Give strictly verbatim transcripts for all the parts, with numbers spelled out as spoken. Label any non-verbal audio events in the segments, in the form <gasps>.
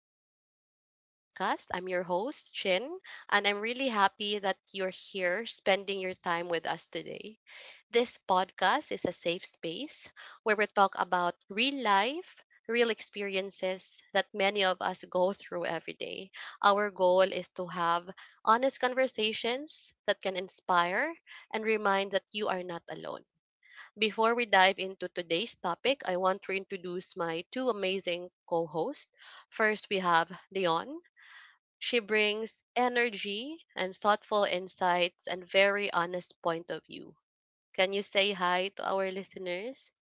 back to our podcast. I'm your host, Chin, and I'm really happy that you're here spending your time with us today. This podcast is a safe space where we talk about real life, real experiences that many of us go through every day. Our goal is to have honest conversations that can inspire and remind that you are not alone. Before we dive into today's topic, I want to introduce my two amazing co hosts. First, we have Leon. She brings energy and thoughtful insights and very honest point of view. Can you say hi to our listeners?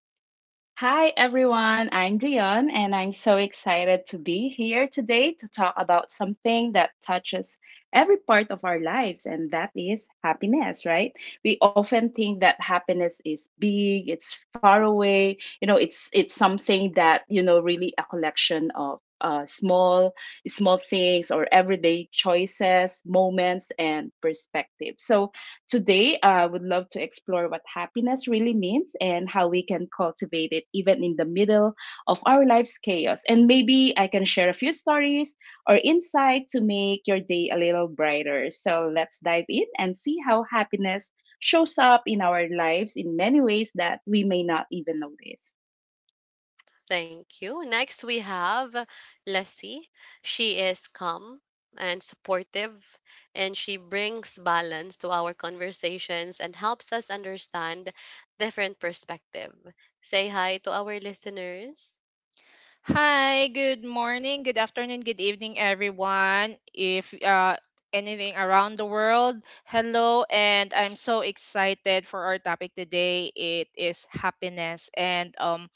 Hi everyone, I'm Dion and I'm so excited to be here today to talk about something that touches every part of our lives, and that is happiness, right? We often think that happiness is big, it's far away, you know, it's it's something that, you know, really a collection of uh, small small things or everyday choices, moments and perspectives. So today, I would love to explore what happiness really means and how we can cultivate it even in the middle of our life's chaos. And maybe I can share a few stories or insight to make your day a little brighter. So let's dive in and see how happiness shows up in our lives in many ways that we may not even notice. Thank you. Next, we have Lassie. She is calm and supportive, and she brings balance to our conversations and helps us understand different perspective. Say hi to our listeners. Hi, good morning, good afternoon, good evening, everyone. If uh, anything around the world, hello, and I'm so excited for our topic today. It is happiness, and um,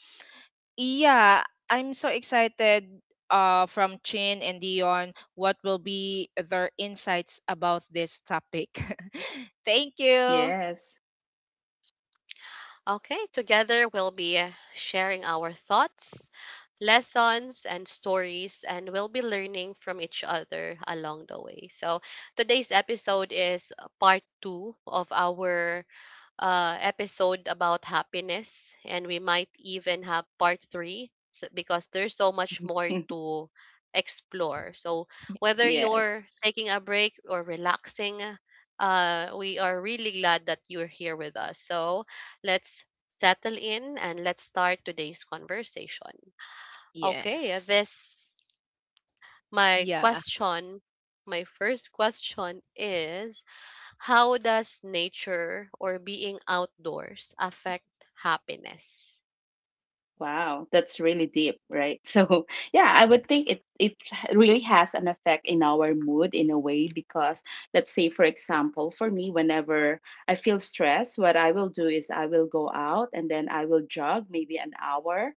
yeah, I'm so excited. Uh, from Chin and Dion, what will be their insights about this topic? <laughs> Thank you. Yes. Okay, together we'll be uh, sharing our thoughts, lessons, and stories, and we'll be learning from each other along the way. So, today's episode is uh, part two of our uh, episode about happiness, and we might even have part three s- because there's so much more <laughs> to explore. So, whether Yes. you're taking a break or relaxing, uh, we are really glad that you're here with us. So, let's settle in and let's start today's conversation. Okay, Yes. this my Yeah. question, my first question is how does nature or being outdoors affect happiness? Wow, that's really deep, right? <laughs> So, yeah, I would think it it really has an effect in our mood in a way, because let's say, for example, for me whenever I feel stressed, what I will do is I will go out and then I will jog maybe an hour.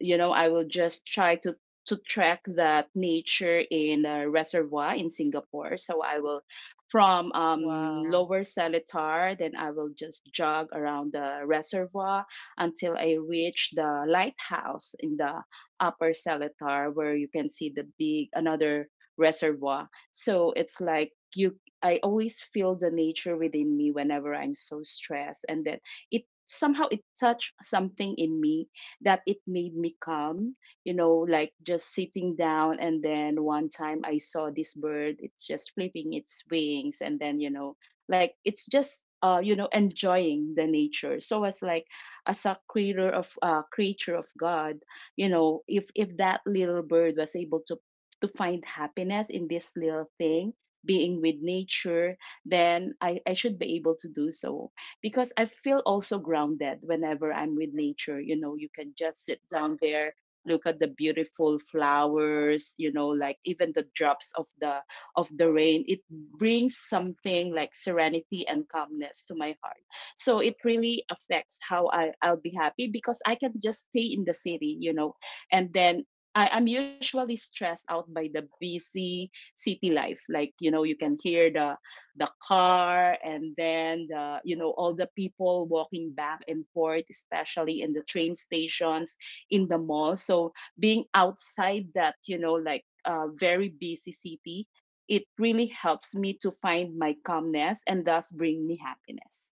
You know, I will just try to to track that nature in a reservoir in Singapore. So I will, from um, Wow. lower Seletar, then I will just jog around the reservoir until I reach the lighthouse in the upper Seletar, where you can see the big another reservoir. So it's like you, I always feel the nature within me whenever I'm so stressed, and that, it somehow it touched something in me that it made me calm, you know, like just sitting down. And then one time I saw this bird, it's just flipping its wings. And then, you know, like it's just, uh, you know, enjoying the nature. So as like, as a creator of uh, creature of God, you know, if if that little bird was able to to find happiness in this little thing, being with nature, then I, I should be able to do so because I feel also grounded whenever I'm with nature. You know, you can just sit down there, look at the beautiful flowers, you know, like even the drops of the of the rain. It brings something like serenity and calmness to my heart. So it really affects how I, I'll be happy, because I can just stay in the city, you know, and then I, I'm usually stressed out by the busy city life. Like, you know, you can hear the the car, and then the, you know, all the people walking back and forth, especially in the train stations, in the mall. So being outside that, you know, like uh, very busy city, it really helps me to find my calmness and thus bring me happiness.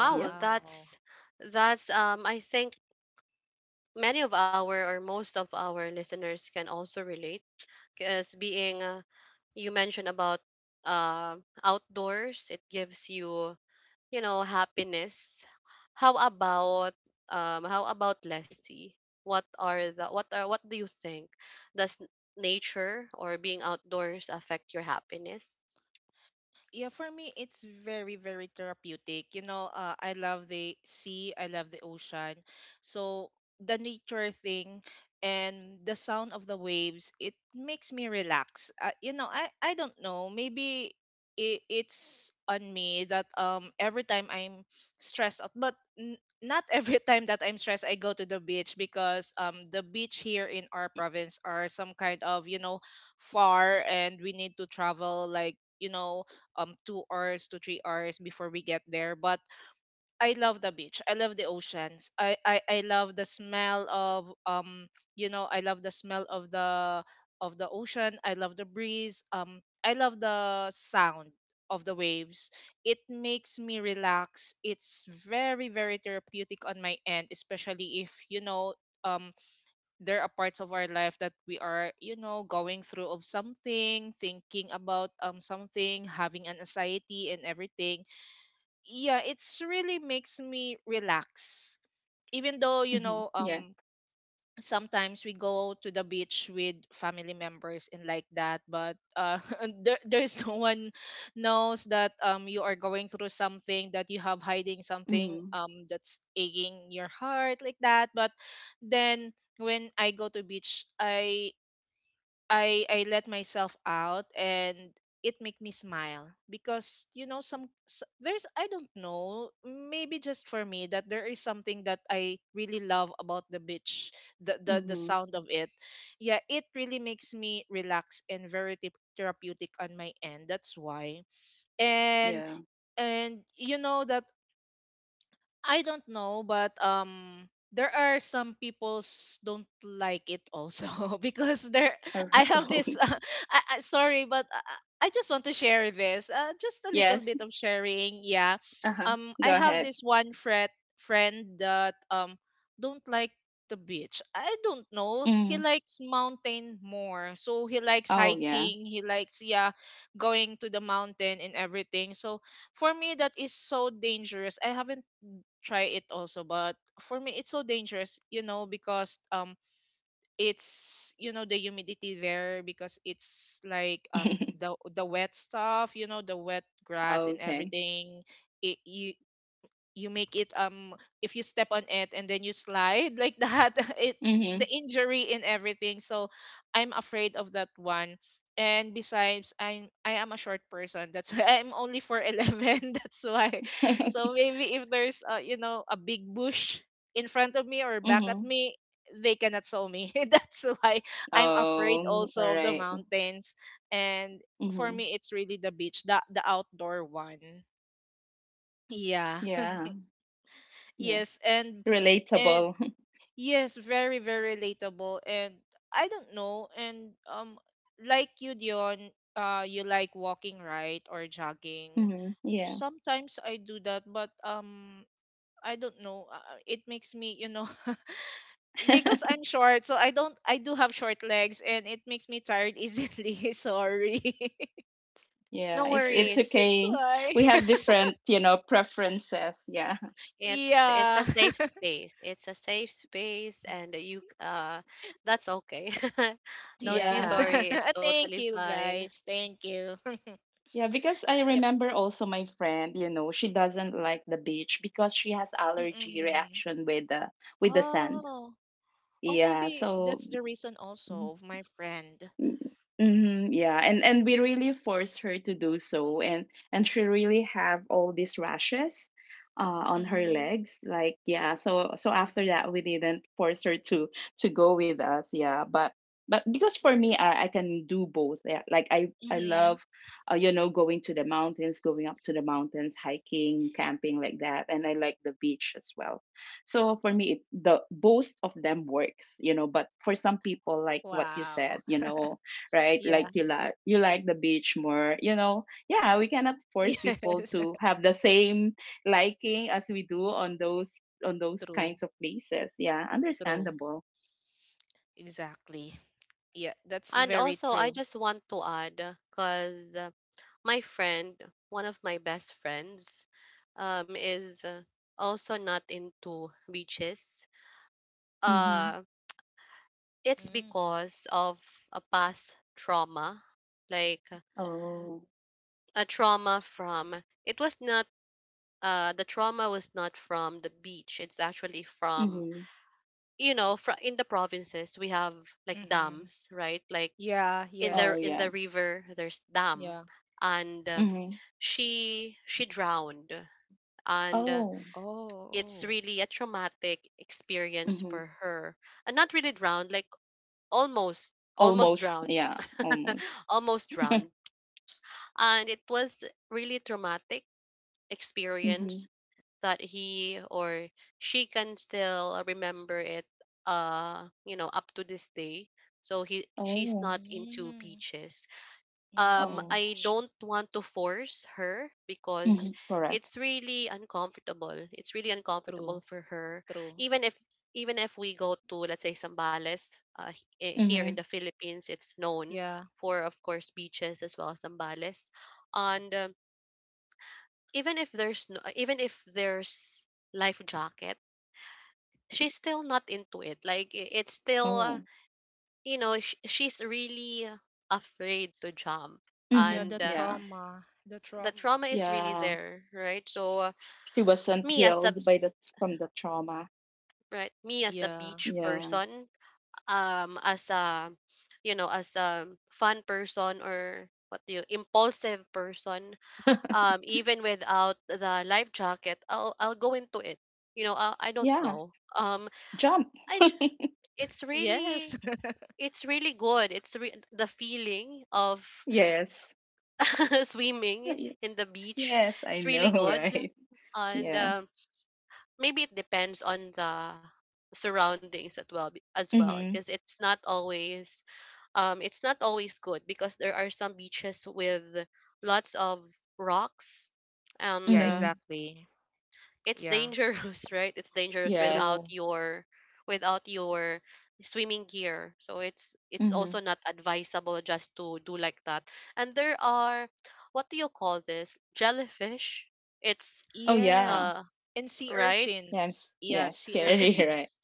Yep. that's that's um I think many of our or most of our listeners can also relate because being uh, you mentioned about uh, outdoors, it gives you you know, happiness. How about um how about Leslie? What are the what are what do you think? Does n- nature or being outdoors affect your happiness? Yeah, for me, it's very, very therapeutic. You know, uh, I love the sea, I love the ocean. So the nature thing and the sound of the waves, it makes me relax. Uh, you know, I, I don't know. Maybe it, it's on me that um every time I'm stressed out, but n- not every <laughs> time that I'm stressed, I go to the beach because um the beach here in our province are some kind of, you know, far, and we need to travel like, you know, um two hours to three hours before we get there. But I love the beach. I love the oceans. I I, I love the smell of um you know, I love the smell of the of the ocean. I love the breeze. Um I love the sound of the waves. It makes me relax. It's very, very therapeutic on my end, especially if you know. Um, there are parts of our life that we are, you know, going through of something, thinking about um something, having an anxiety and everything, yeah, it's really makes me relax even though you Mm-hmm. know Yeah. um sometimes we go to the beach with family members and like that, but uh, <laughs> there, there's no one knows that um you are going through something, that you have hiding something, Mm-hmm. um that's aching your heart like that. But then when I go to beach, i I I let myself out, and it make me smile because you know, some s- there's, I don't know, maybe just for me that there is something that I really love about the beach, the the, the Mm-hmm. sound of it. Yeah, it really makes me relax, and very thep- therapeutic on my end, that's why. and Yeah. and you know that I don't know, but um there are some people's don't like it also <laughs> because there I have <laughs> this <laughs> Okay. uh, I, I, sorry, but I, I I just want to share this uh, just a little Yes. bit of sharing, yeah. Uh-huh. um I Go have ahead. this one fret friend that um don't like the beach. I don't know, he Mm. likes mountain more, so he likes Oh yeah. hiking, he likes, yeah, going to the mountain and everything. So for me, that is so dangerous. I haven't try it also, but for me it's so dangerous, you know, because um it's, you know, the humidity there, because it's like um the the wet stuff, you know, the wet <laughs> grass and Okay. everything. It, you you make it um, if you step on it and then you slide like that <laughs> it Mm-hmm. the injury and everything, so I'm afraid of that one. And besides, i'm I am a short person, that's <laughs> why I'm only for eleven <laughs> that's why. So <laughs> maybe if there's uh, you know, a big bush in front of me or back at Mm-hmm. me, they cannot saw me <laughs> that's why I'm afraid Oh, all also of the right. mountains. And for Mm-hmm. me, it's really the beach, the the outdoor one, yeah. Yeah, yeah. Yes, and and Relatable. <laughs> yes, very, very relatable. And I don't know. And um, like you, Dion, uh, you like walking, right, or jogging? Mm-hmm. Yeah. Sometimes I do that, but um, I don't know. Uh, uh, it makes me, you know, <laughs> because <laughs> I'm short, so I don't. I do have short legs, and it makes me tired easily. <laughs> Sorry, <laughs> Yeah, No it's it's worries. that's okay. We why. <laughs> have different, you know, preferences. Yeah. It's it's a Yeah. safe <laughs> space. It's a safe space and you c- uh that's okay. <laughs> <laughs> Don't be Yes. Yeah. sorry. It's <laughs> totally Thank you, fine. guys. Thank you. <laughs> Yeah, because I Yeah. remember also my friend, you know, she doesn't like the beach because she has allergy Mm-mm. reaction with the with the sand. Oh. Oh, Yeah, maybe so. that's the reason also of my friend. Mm, mhm, yeah, and and we really forced her to do so, and and she really have all these rashes, uh, on her Mm-hmm. legs. Like yeah, so so after that we didn't force her to to go with us. Yeah, but but because for me I, I can do both. Yeah, like I I Mm-hmm. love, uh, you know, going to the mountains, going up to the mountains, hiking, camping like that, and I like the beach as well. So for me, it's the both of them works, you know. But for some people, like what you Wow. said, you know, right? Yeah. Like you like you like the beach more, you know. Yeah, we cannot <laughs> force people Yes. to have the same liking as we do on those on those True. kinds of places. Yeah, True. understandable. Exactly. Yeah, that's And very also, I true. just want to add, because my friend, one of my best friends, um, is uh, also not into beaches. Mm-hmm. Uh, it's Mm. because of a past trauma, like uh, Oh. a trauma from, it was not, uh, the trauma was not from the beach. It's actually from, Mm-hmm. you know, fr- in the provinces, we have like Mm-hmm. dams, right? Like Yeah, in the Oh in yes. yeah. the river there's dam Yeah. and uh, Mm-hmm. she she drowned and uh, Oh. it's Oh. really a traumatic experience Mm-hmm. for her and not really drowned, like almost almost Almost. drowned Yeah. Almost. <laughs> almost drowned <laughs> and it was really traumatic Mm-hmm. experience that he or she can still remember it uh you know, up to this day. So he she's Oh. not into Mm. beaches. um Mm-mm. Oh. I don't want to force her because Mm-hmm. Correct. it's really uncomfortable. It's really uncomfortable True. for her. True. Even if even if we go to, let's say, Sambales, uh, h- eh, here Mm-hmm. in the Philippines, it's known Yeah. for, of course, beaches as well, as Sambales. And um, even if there's no, even if there's life jacket, she's still not into it. Like, i- it's still uh, Oh. you know, sh- she's really afraid to jump Yeah, Mhm. and. the Uh, Yeah. trauma. The the trauma. trauma is really Yeah. there, right? So uh, She wasn't me as healed a by the, from the trauma. right, me as a Yeah. beach Yeah. person, um, as a you know, as a fun person or what do you, impulsive person, um, even without the life jacket, I'll I'll go into it. You know, I, I don't Yeah. know. Um, Jump. I j- <laughs> it's really Yes. it's really good. It's re- the feeling of Yes. <laughs> swimming Y- in the beach. Yes, I It's really know, <laughs> good, right? and Yeah. um maybe it depends on the surroundings as well be- as well, because Mhm. it's not always um it's not always good, because there are some beaches with lots of rocks <laughs> and yeah, uh, Mhm. exactly. it's Yeah. dangerous, <laughs> right, it's dangerous without Yes. True. your without your swimming gear, so it's it's Mhm. also not advisable just to do like that. And there are what do you call this, jellyfish, it's Oh yeah. uh Yes. And sea right. urchins. Yes. Yeah, Yeah. sea <laughs> Scary, <laughs> right? urchins.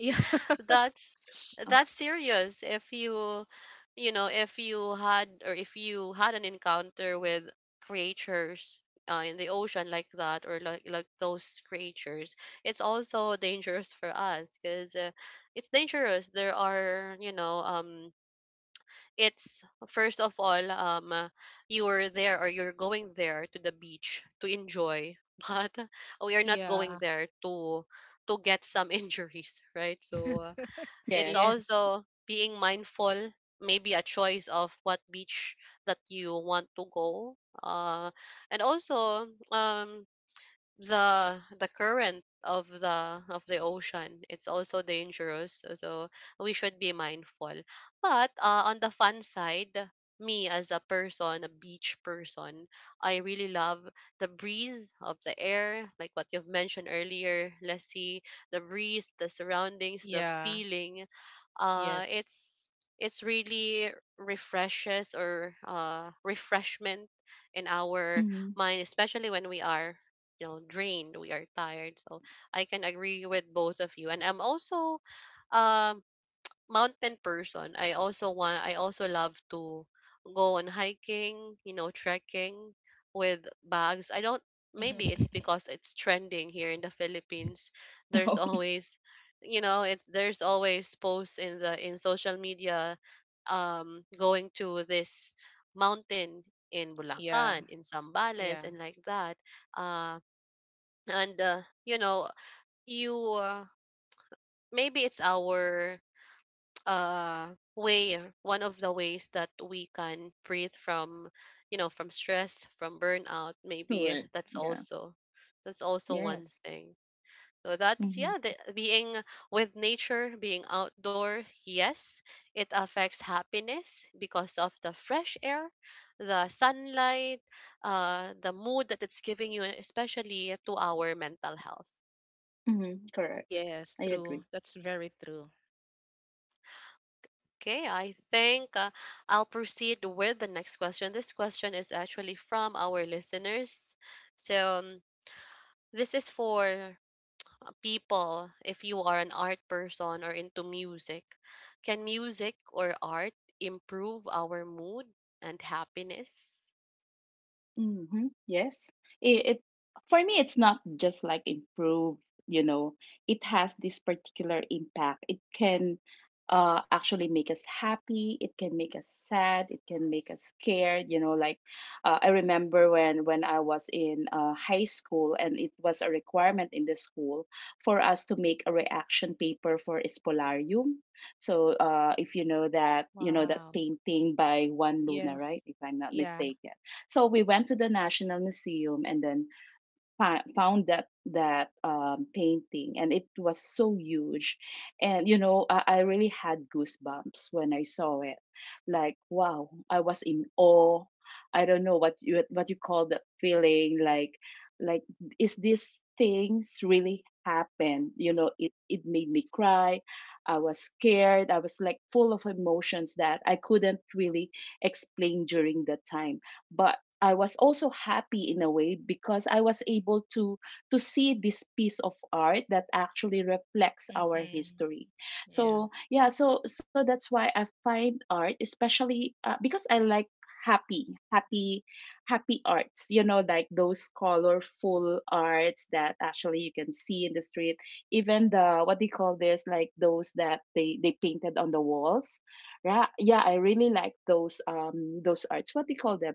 <laughs> That's Uh, that's serious. If you, you know, if you had or if you had an encounter with creatures uh, in the ocean like that or like like those creatures, it's also dangerous for us, because uh, it's dangerous. There are, you know, um, it's first of all, um, uh, you are there or you're going there to the beach to enjoy, <laughs> but we are not Yeah. going Yeah. there to to get some <laughs> injuries, right? So. Uh, it's yes. Yes. also being mindful, maybe a choice of what beach that you want to go. Uh, and also, um, the the current of the of the ocean, it's also dangerous. So so we should be mindful. But uh, on the fun side, me as a person, a beach person, I really love the breeze of the air, like what you've mentioned earlier. Let's see, the breeze, the surroundings, the Yeah. feeling, uh Yes. it's it's really refreshes, or uh refreshment in our Mhm. mind, especially when we are you know, drained, we are tired. So I can agree with both of you, and I'm also um mountain person. I also want, I also love to go on hiking, you know, trekking with bags. I don't, maybe it's <laughs> because it's trending here in the Philippines. <laughs> There's Oh, always you know, it's there's always posts in the in social media, um going to this mountain in Yeah. Bulacan, in Sambales, Yeah. and like that. Uh, and uh, you know, you uh, maybe it's our uh way, uh, one of the ways that we can breathe from you know, from stress, from burnout. Maybe correct. that's Yeah. also that's also one Yes. thing. So that's, yeah, Mhm. the being with nature, being outdoor, yes, it affects happiness because of the fresh air, the sunlight, uh the mood that it's giving you, especially to our mental health. Mhm. Correct. Yes, I true. agree. That's very true. Okay, I think uh, I'll proceed with the next question. This question is actually from our listeners. So, um, this is for people if you are an art person or into music. Can music or art improve our mood and happiness? Mm-hmm. Yes. It, it, for me it's not just like improve, you know, it has this particular impact. It can uh actually make us happy, it can make us sad, it can make us scared, you know, like uh, I remember when when I was in uh, high school and it was a requirement in the school for us to make a reaction paper for Espolarium. So uh, if you know that, you know that Wow. painting by Juan Luna, Yes. right? If I'm not Yeah. mistaken, so we went to the National Museum and then fi- found that that um, painting, and it was so huge, and you know I, I really had goosebumps when I saw it. Like wow, I was in awe. I don't know what you what you call that feeling. Like like is these things really happen? You know, it it made me cry. I was scared. I was like full of emotions that I couldn't really explain during that time, but I was also happy in a way because I was able to to see this piece of art that actually reflects our Mm-hmm. history. Yeah. So yeah, so so that's why I find art, especially uh, because I like happy, happy, happy arts. You know, like those colorful arts that actually you can see in the street. Even the, what do you call this? Like those that they they painted on the walls. Yeah, yeah, I really like those um those arts. What do you call them?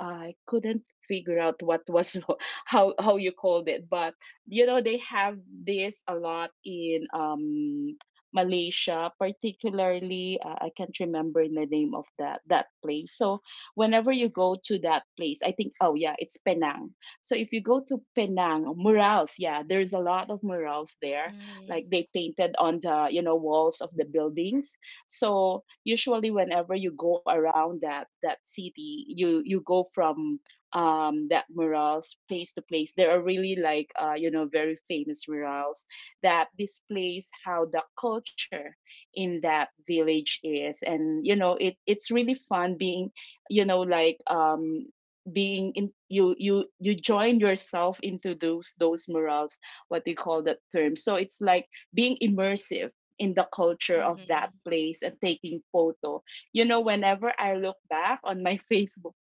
I couldn't figure out what was <laughs> how how you called it, but you know they have this a lot in um Malaysia, particularly uh, I can't remember the name of that that place. So whenever you go to that place, I think oh yeah, it's Penang. So if you go to Penang, murals, yeah, there's a lot of murals there. Mm-hmm. Like they painted on the, you know, walls of the buildings, so usually whenever you go around that that city, you you go from um that murals place to place. There are really like uh, you know, very famous murals that displays how the culture in that village is, and you know it, it's really fun being, you know, like um being in, you you you join yourself into those those murals, what they call that term. So it's like being immersive in the culture of that Mm-hmm. place and taking photo. You know, whenever I look back on my <laughs> Facebook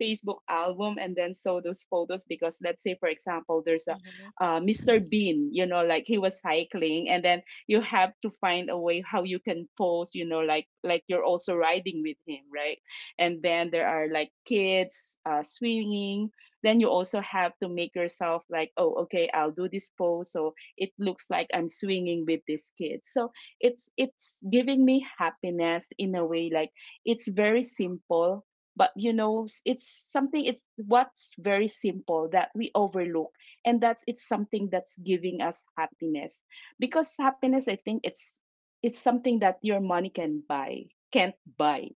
Facebook album and then saw those photos, because let's say for example there's a Mm-hmm. <laughs> uh, Mister Bean, you know, like he was cycling and then you have to find a way how you can pose, you know, like like you're also riding with him, right? And then there are like kids uh, swinging. Then you also have to make yourself like, oh, okay, I'll do this pose so it looks like I'm swinging with this kid. So it's it's giving me happiness in a way, like it's very simple, but you know s- it's something, it's what's very simple that we overlook, and that's, it's something that's giving us happiness, because happiness I think it's it's something that your money can buy can't buy.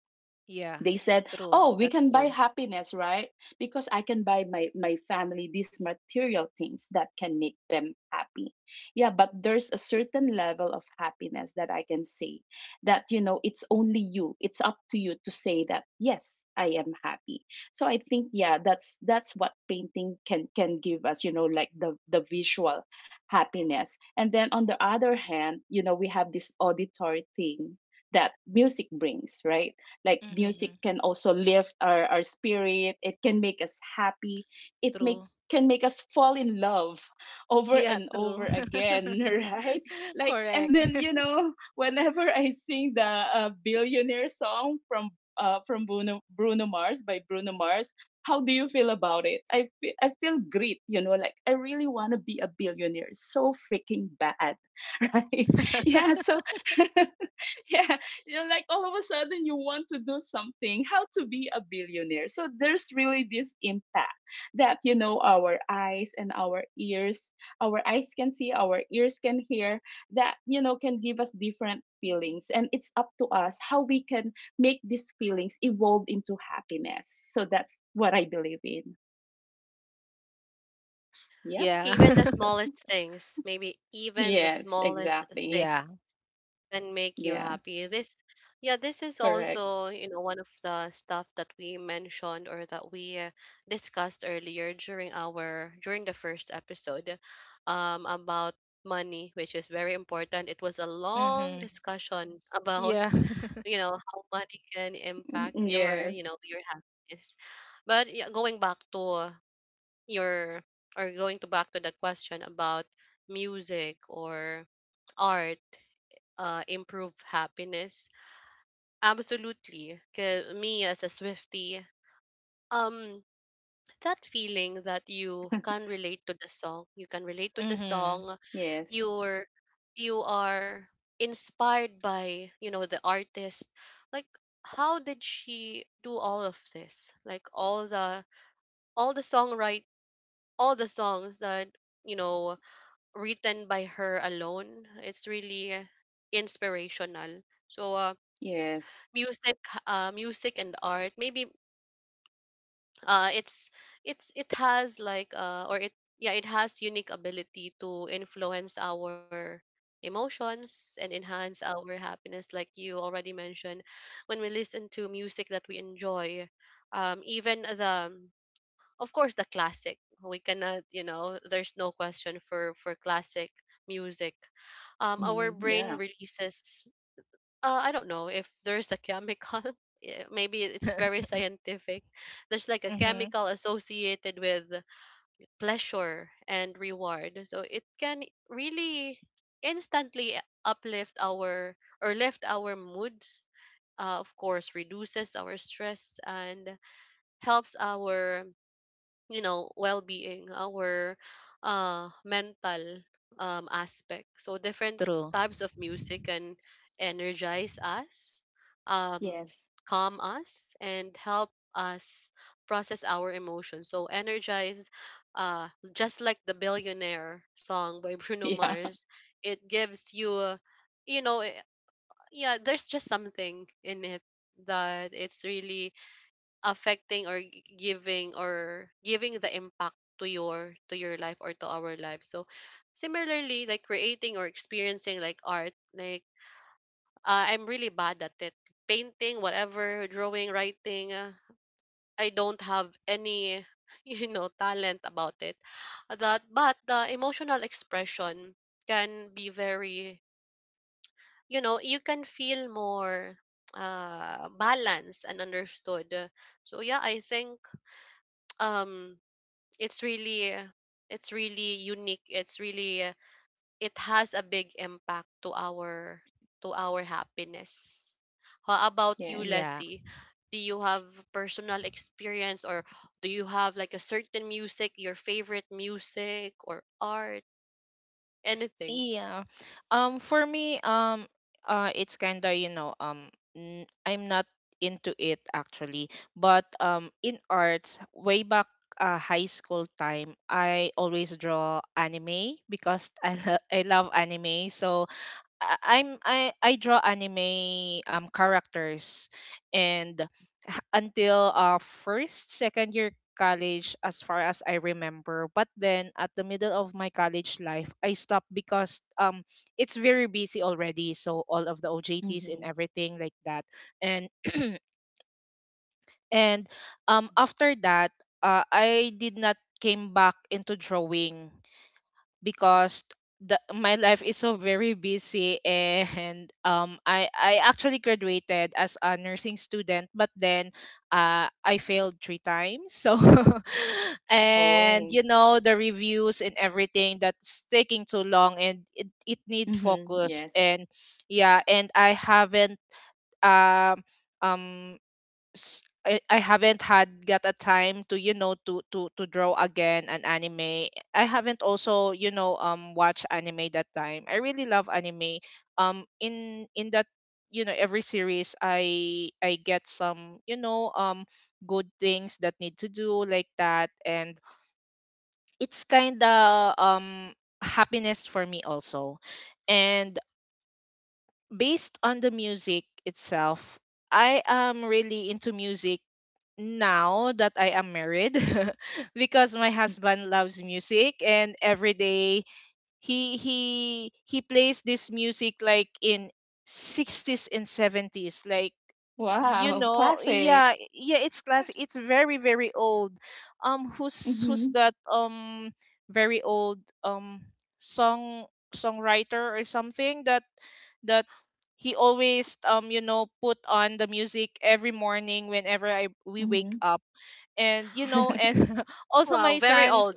Yeah. They said, True. "Oh, we That's can buy true. happiness, right? Because I can buy my my family these material things that can make them happy." Yeah, but there's a certain level of happiness that I can say that, you know, it's only you. It's up to you to say that, "Yes, I am happy." So I think yeah, that's that's what painting can can give us, you know, like the the visual happiness. And then on the other hand, you know, we have this auditory thing that music brings, right? Like music Mm-hmm. can also lift our, our spirit. It can make us happy, it make True. can make us fall in love over Yeah, and true. over again, <laughs> right? <laughs> Like, and then Correct. you know whenever I sing the uh, billionaire song from uh, from Bruno, Bruno Mars, by Bruno Mars. How do you feel about it? I fe- I feel great, you know, like I really want to be a billionaire so freaking bad, <laughs> right? Yeah, <laughs> so <laughs> yeah <laughs> you know like all of a sudden you want to do something how to be a billionaire. So there's really this impact that you know our eyes and our ears, our eyes can see, our ears can hear, that you know can give us different feelings, and it's up to us how we can make these feelings evolve into happiness. So that's what I believe in. Yep. Yeah. Even the <laughs> smallest things, maybe even the Yes, smallest things exactly. yeah. and make you Yeah. happy. This, yeah, this is Correct. also, you know, one of the stuff that we mentioned, or that we uh, discussed earlier during our, during the first episode um about money, which is very important. It was a long Mhm. discussion <laughs> about, Yeah. <laughs> you know, how money can Mm, impact your, yes. you know, your happiness. But yeah, going back to your, or going to back to the question about music or art, uh, improve happiness? Absolutely. 'Cause me as a Swiftie, um, that feeling that you can relate to the song, you can relate to the mhm. Song, yes. you're you are inspired by, you know, the artist, like how did she do all of this, like all the all the songwrite, all the songs that, you know, written by her alone, it's really inspirational. So uh, Yes. music, uh music and art, maybe uh it's it's, it has like uh or it yeah, it has unique ability to influence our emotions and enhance our happiness, like you already mentioned. When we listen to music that we enjoy, um even the, of course, the classic, we cannot, you know, there's no question for for classic music, um Mhm. our Yeah. brain releases uh, I don't know if there's a chemical. <laughs> eh, Maybe it's very <laughs> scientific. There's like a mhm. chemical associated with pleasure and reward. So it can really instantly uplift our or lift our moods. Uh, of course, reduces our stress and helps our, you know, well-being, our uh mental um aspect. So different True. types of music can energize us, um Yes. calm us and help us process our emotions. So energize, uh just like the billionaire song by <laughs> <laughs> Bruno Yeah. Mars, it gives you a- you know, eh, yeah, there's just something in it that it's really affecting or g- giving or giving the impact to your, to your life or to our life. So similarly, like creating or experiencing like art, like uh, I'm really bad at it, painting, whatever, drawing, writing. uh, I don't have any <laughs> you know, talent about it, that. But the emotional expression can be very, you know, you can feel more uh balanced and understood. So yeah, I think um it's really uh, it's really unique, it's really, uh, it has a big impact to our, to our happiness. How about you, Yes. Yeah. Lassie? Do you have personal experience, or do you have like a certain music, your favorite music or art, anything? Yeah. Um for me um, uh it's kind of, you know, um n- I'm not into it actually, but um in arts way back uh, high school time, I always draw anime because <laughs> I lo- I love anime, so I- I'm I I draw anime um characters, and h- until uh first second year college as far as I remember, but then at the middle of my college life I stopped because um it's very busy already, so all of the O J Ts and Mhm. everything like that, and <clears throat> and um, after that, uh, I did not came back into drawing because the my life is so very busy, and um, I I actually graduated as a nursing student, but then uh I failed three times so <laughs> and Oh. you know, the reviews and everything, that's taking too long, and it, it need Mhm. focused. Yes. And yeah, and I haven't um um s- I, I haven't had got a time to, you know, to to to draw again an anime. I haven't also you know um watch anime that time. I really love anime. Um in in that, you know, every series I I get some, you know, um good things that need to do like that, and it's kind of um, happiness for me also. And based on the music itself, I am really into music now that I am married <laughs> because my Hmm. husband loves music, and every day he he he plays this music like in sixties and seventies, like, you Wow, know, classic. yeah, yeah, it's classic, it's very, very old. um who's who's Mhm. that um very old um, song songwriter or something, that that he always um, you know, put on the music every morning whenever I we wake Mhm. up, and you know, and <laughs> also Wow, my very son's. old.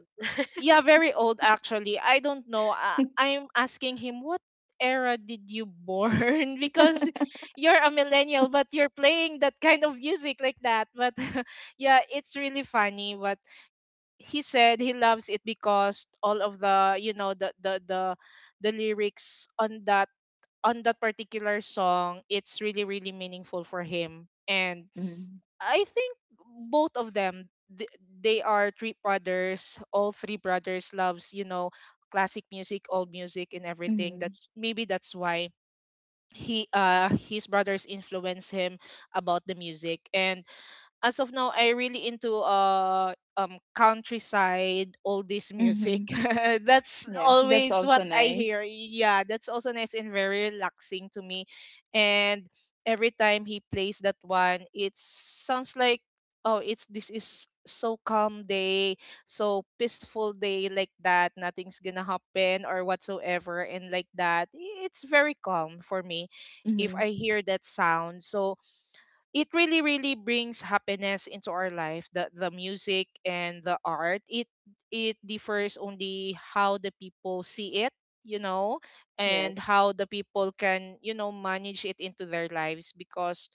Yeah, very old actually. I don't know. Uh, I'm asking him what era did you born <laughs> because you're a millennial but you're playing that kind of music like that. But <laughs> yeah, it's really funny. But he said he loves it because all of the you know the the the, the lyrics on that, on that particular song, it's really, really meaningful for him. And Mhm. I think both of them, th- they are three brothers. All three brothers loves, you know, classic music, old music and everything. Mhm. That's maybe that's why he uh, his brothers influence him about the music. And as of now I really into uh um countryside all this music. Mhm. <laughs> <laughs> That's Yeah, that's always what also I nice. hear. Yeah, that's also nice and very relaxing to me. And every time he plays that one, it sounds like, oh, it's, this is so calm day, so peaceful day like that, nothing's gonna happen or whatsoever and like that. It's very calm for me if Mhm. I hear that sound. So it really, really brings happiness into our life. the the music and the art, it it differs only how the people see it, you know, and Yes. how the people can, you know, manage it into their lives. Because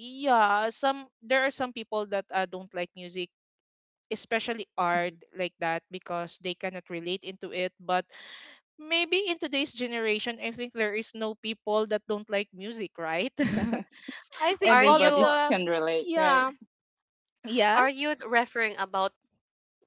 yeah, some, there are some people that uh, don't like music, especially art Mhm. like that, because they cannot relate into it. But maybe in today's generation, I think there is no people that don't like music, right? <laughs> I <laughs> think Are all of you Everybody's the, can relate, yeah. right? Yeah? are you referring about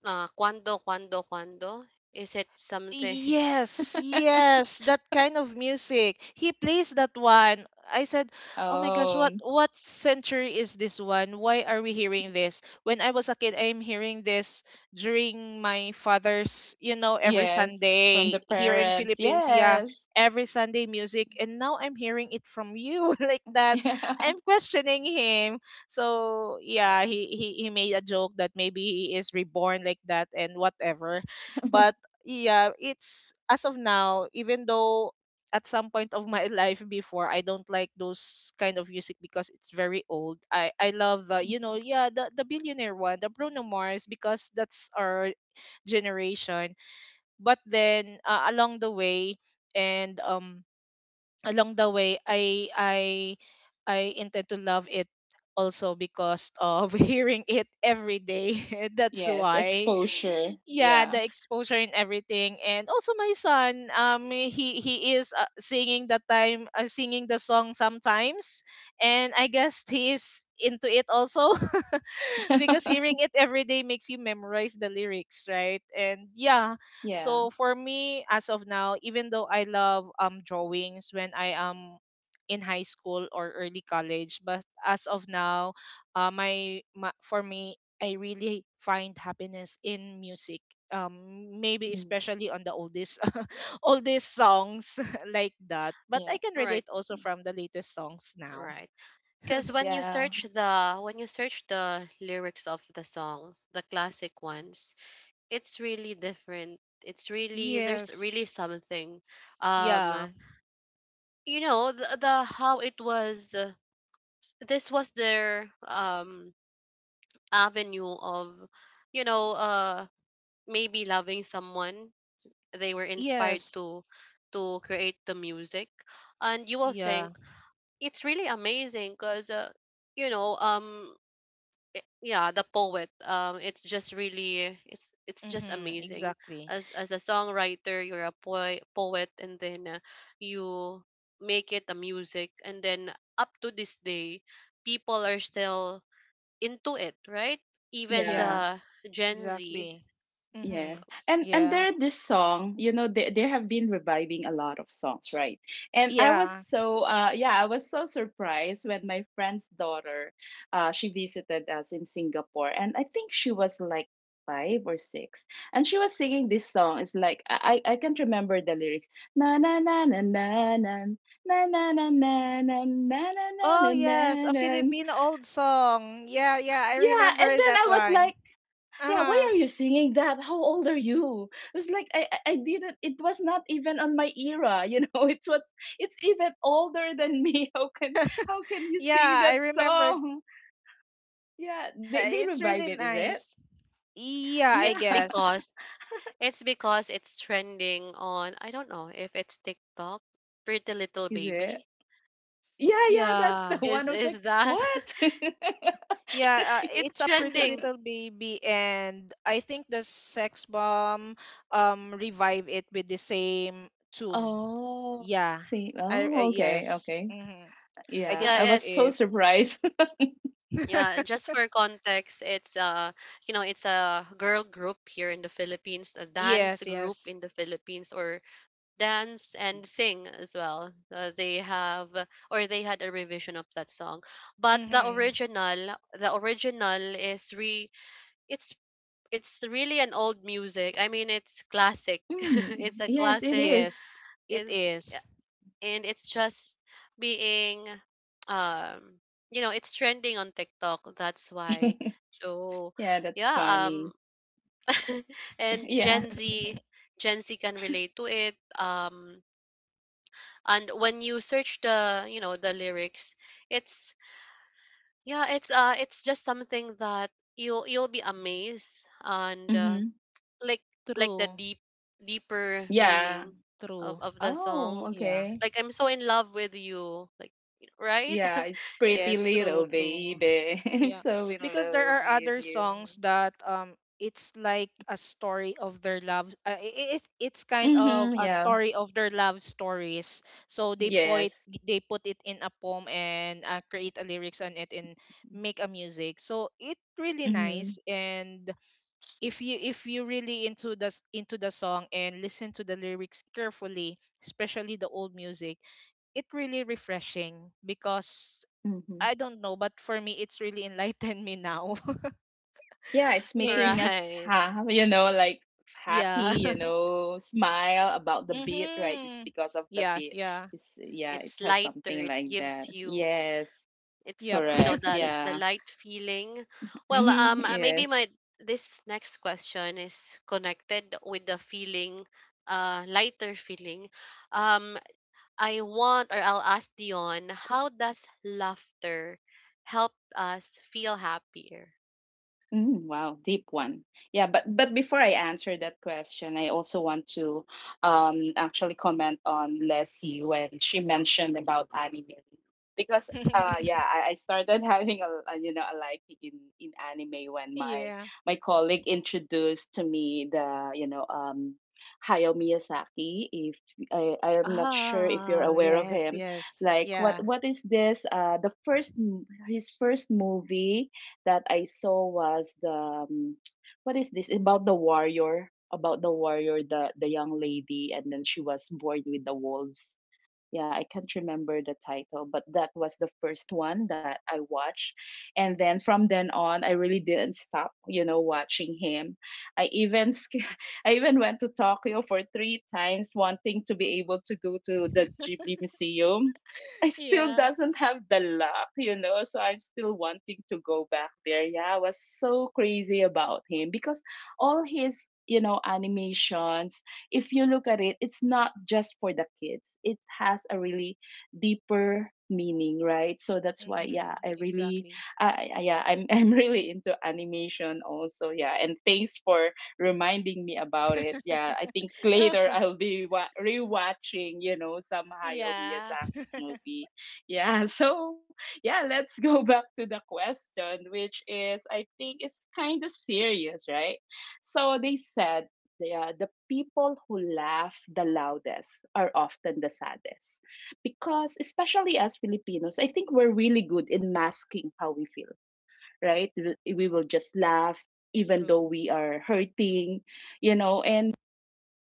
uh, cuando cuando cuando, is it something? <laughs> Yes, <laughs> yes, that kind of music. He plays that one. I said, "Oh my gosh, Oh, what what century is this one? Why are we hearing this?" When I was a kid, I'm hearing this during my father's, you know, every yes, from the Sunday here in parents. Philippines. Yeah, Yes. every Sunday music, and now I'm hearing it from you <laughs> like <laughs> that. Yeah. I'm questioning him. So Yeah. yeah, he he he made a joke that maybe he is reborn like that and whatever. But yeah, it's as of now, even though at some point of my <laughs> life before, I don't like those kind of music because it's very old. I I love the, you know, Mhm. yeah, the the billionaire one, the Bruno Mars, because that's our generation. But then uh, along the way and um, along the way i i i intend to love it also because of <laughs> hearing it every day <laughs> that's Yes, why. exposure. Yeah, Yeah. the exposure and everything. And also my son um, he he is uh, singing the time, uh, singing the song sometimes, and I guess he is into it also <laughs> because hearing <laughs> it every day makes you memorize the lyrics, right? And yeah, Yeah. so for me, as of now, even though I love um drawings when I am in high school or early college, but as of now, uh, my, my for me, I really find happiness in music. Um, maybe Mhm. especially on the oldest, <laughs> oldest songs <laughs> like that. But Yeah. I can Right, relate also from the latest songs now. right. Because when you Yeah. search the, when you search the lyrics of the songs, the classic ones, it's really different. It's really, there's really Yes. something. Um, Yeah. you know, the, the how it was. Uh, this was their um avenue of, you know, uh maybe loving someone. They were inspired Yes. to to create the music, and you will Yeah. think it's really amazing because uh, you know um i- yeah, the poet, um it's just really, it's it's just Mm-hmm. amazing. Exactly. As as a songwriter, you're a po- poet, and then uh, you make it a music, and then up to this day people are still into it, right? Even the Yeah. Yeah, Gen Z. Exactly. Mm-hmm. yes. And and Yeah. there this song, you know, they they have been reviving a lot of songs, right? And I was Yeah. so uh yeah, I was so surprised when my friend's daughter uh she visited us in Singapore, and I think she was like five or six, and she was singing this song. It's like i i I can't remember the lyrics. Na na na na na na, na na na na na na, na Oh na na yes, na a na. Filipino old song. Yeah, yeah, I Yeah, and remember then that I was one. like, yeah, Uh-huh. why are you singing that? How old are you? It was like i i I didn't, it was not even on my era, you know. <laughs> It's what's it's even older than me. <laughs> How can, how can <laughs> you sing yeah, I that remember. song? Yeah, they, Yeah, they it's revive really it. Is it? nice. Yeah, I Yeah. it's <laughs> because guess. it's because it's trending on, I don't know if it's TikTok, Pretty Little Is it? Baby. Yeah, yeah, that's the Yeah. one. is I was like, is that? what? <laughs> Yeah, uh, It's it's a Pretty trending. Little Baby, and I think the Sex Bomb um revive it with the same <laughs> tune. Oh, Yeah, see. I uh, Oh, okay, yes, okay. hmm I Yeah, guess I Yeah, that's was so it. it's. surprised. Yeah, just <laughs> for context, it's uh you know, it's a girl group here in the Philippines, a dance Yes, group yes, in the Philippines, or dance and sing as well. Uh, they have, or they had, a revision of that song. But the hmm original, the original is re, it's, it's really an old music. I mean, it's classic. <laughs> <laughs> Mm, It's a yes it classic. is. yes, it It's, is. and it's just being, um you know it's trending on TikTok, that's why. <laughs> So Yeah, that's yeah. funny. Um <laughs> and Yeah. Gen <laughs> Z Gen Z can relate to it. Um and when you search the you know the lyrics, it's, yeah, it's, uh it's just something that you'll you'll be amazed, and uh, Mhm. like, like the True, deep, deeper Yeah. meaning of true. of the Oh, song, Yeah, okay. like I'm so in love with you, like you, right? Yeah, it's <laughs> Eh, Pretty yes, true, Little true. Baby. <laughs> I'm Yeah, so in because there love are with other you. songs that um it's like a story of their love. Uh, it, it it's kind of Mm-hmm. a Yeah. story of their love stories. So they put Yes. they put it in a poem and uh, create a lyrics on it and make a music. So it really Mm-hmm. nice and if you if you really into the s- into the song and listen to the lyrics carefully, especially the old music, it really refreshing because Mm-hmm. I don't know, but for me, it's really enlightened me now. Yeah, it's <laughs> making Maybe, us right, ha, you know, like <laughs> yeah. happy, you <laughs> know, smile about the beat, right? It's mm-hmm. because of the Yeah, beat. yeah, It's yeah, it it's has lighter, something it like that. gives you, Yes. it's, yep. you know Correct. the the Yeah. light feeling. Well, Mm-hmm. um uh, maybe Yes. my, this next question is connected with the feeling, uh lighter feeling. um I want, or I'll ask Dion, how does laughter help us feel happier? Mm, wow, deep one. Yeah, but but before I answer that question, I also want to um actually comment on Leslie when she mentioned about anime, because uh yeah, <laughs> I, I started <laughs> having a, a you know a liking in in anime when my yeah. my colleague introduced to me the you know um Hayao Miyazaki. If I I am not sure if you're Oh, aware of yes, him, yes, like what yeah, what is this? Uh, the first m- his first movie that I saw was the um, what is this, about the warrior, about the warrior, the the young lady, and then she was born with the wolves. Yeah, I can't remember the title, but that was the first one that I watched. And then from then on, I really didn't stop, you know, watching him. I even sk- <laughs> I even went to Tokyo for three times, wanting to be able to go to the <laughs> Ghibli Museum. <laughs> I still yeah. doesn't have the luck, you know, so I'm still wanting to go back there. Yeah, I was so crazy about him because all his, you know, animations, if you look at it, it's not just for the kids. It has a really deeper meaning, right? So that's why, yeah, Mm-hmm. I really, Exactly. I I- yeah, I'm <laughs> I'm really into animation also, yeah. And thanks for reminding me about it. Yeah, <laughs> I think oh, later I'll be wa- rewatching, you know, some Hayao yeah. Miyazaki's <laughs> movie. Yeah, <laughs> so yeah, let's go back to the question, which is I think is kind of serious, right? So they said yeah, the people who laugh the loudest are often the saddest. Because, especially as Filipinos, I think we're really good in masking how we feel, right? We we will just laugh even though true, we are hurting, you know, and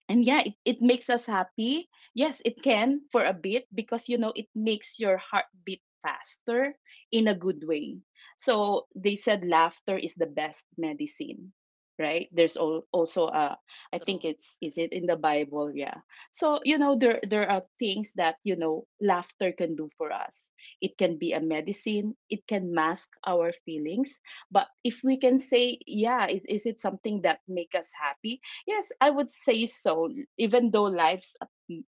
and yeah it, it makes us happy. Yes it can, for a bit, because you know it makes your heart beat faster in a good way. So they said laughter is the best medicine, right? There's all also uh I think true. it's, is it in the bible? Yeah. So you know there there are things that you know laughter can do for us. It can be a medicine, it can mask our feelings, but if we can say yeah is, is it something that make us happy? Yes, I would say so. e-, Even though life's a,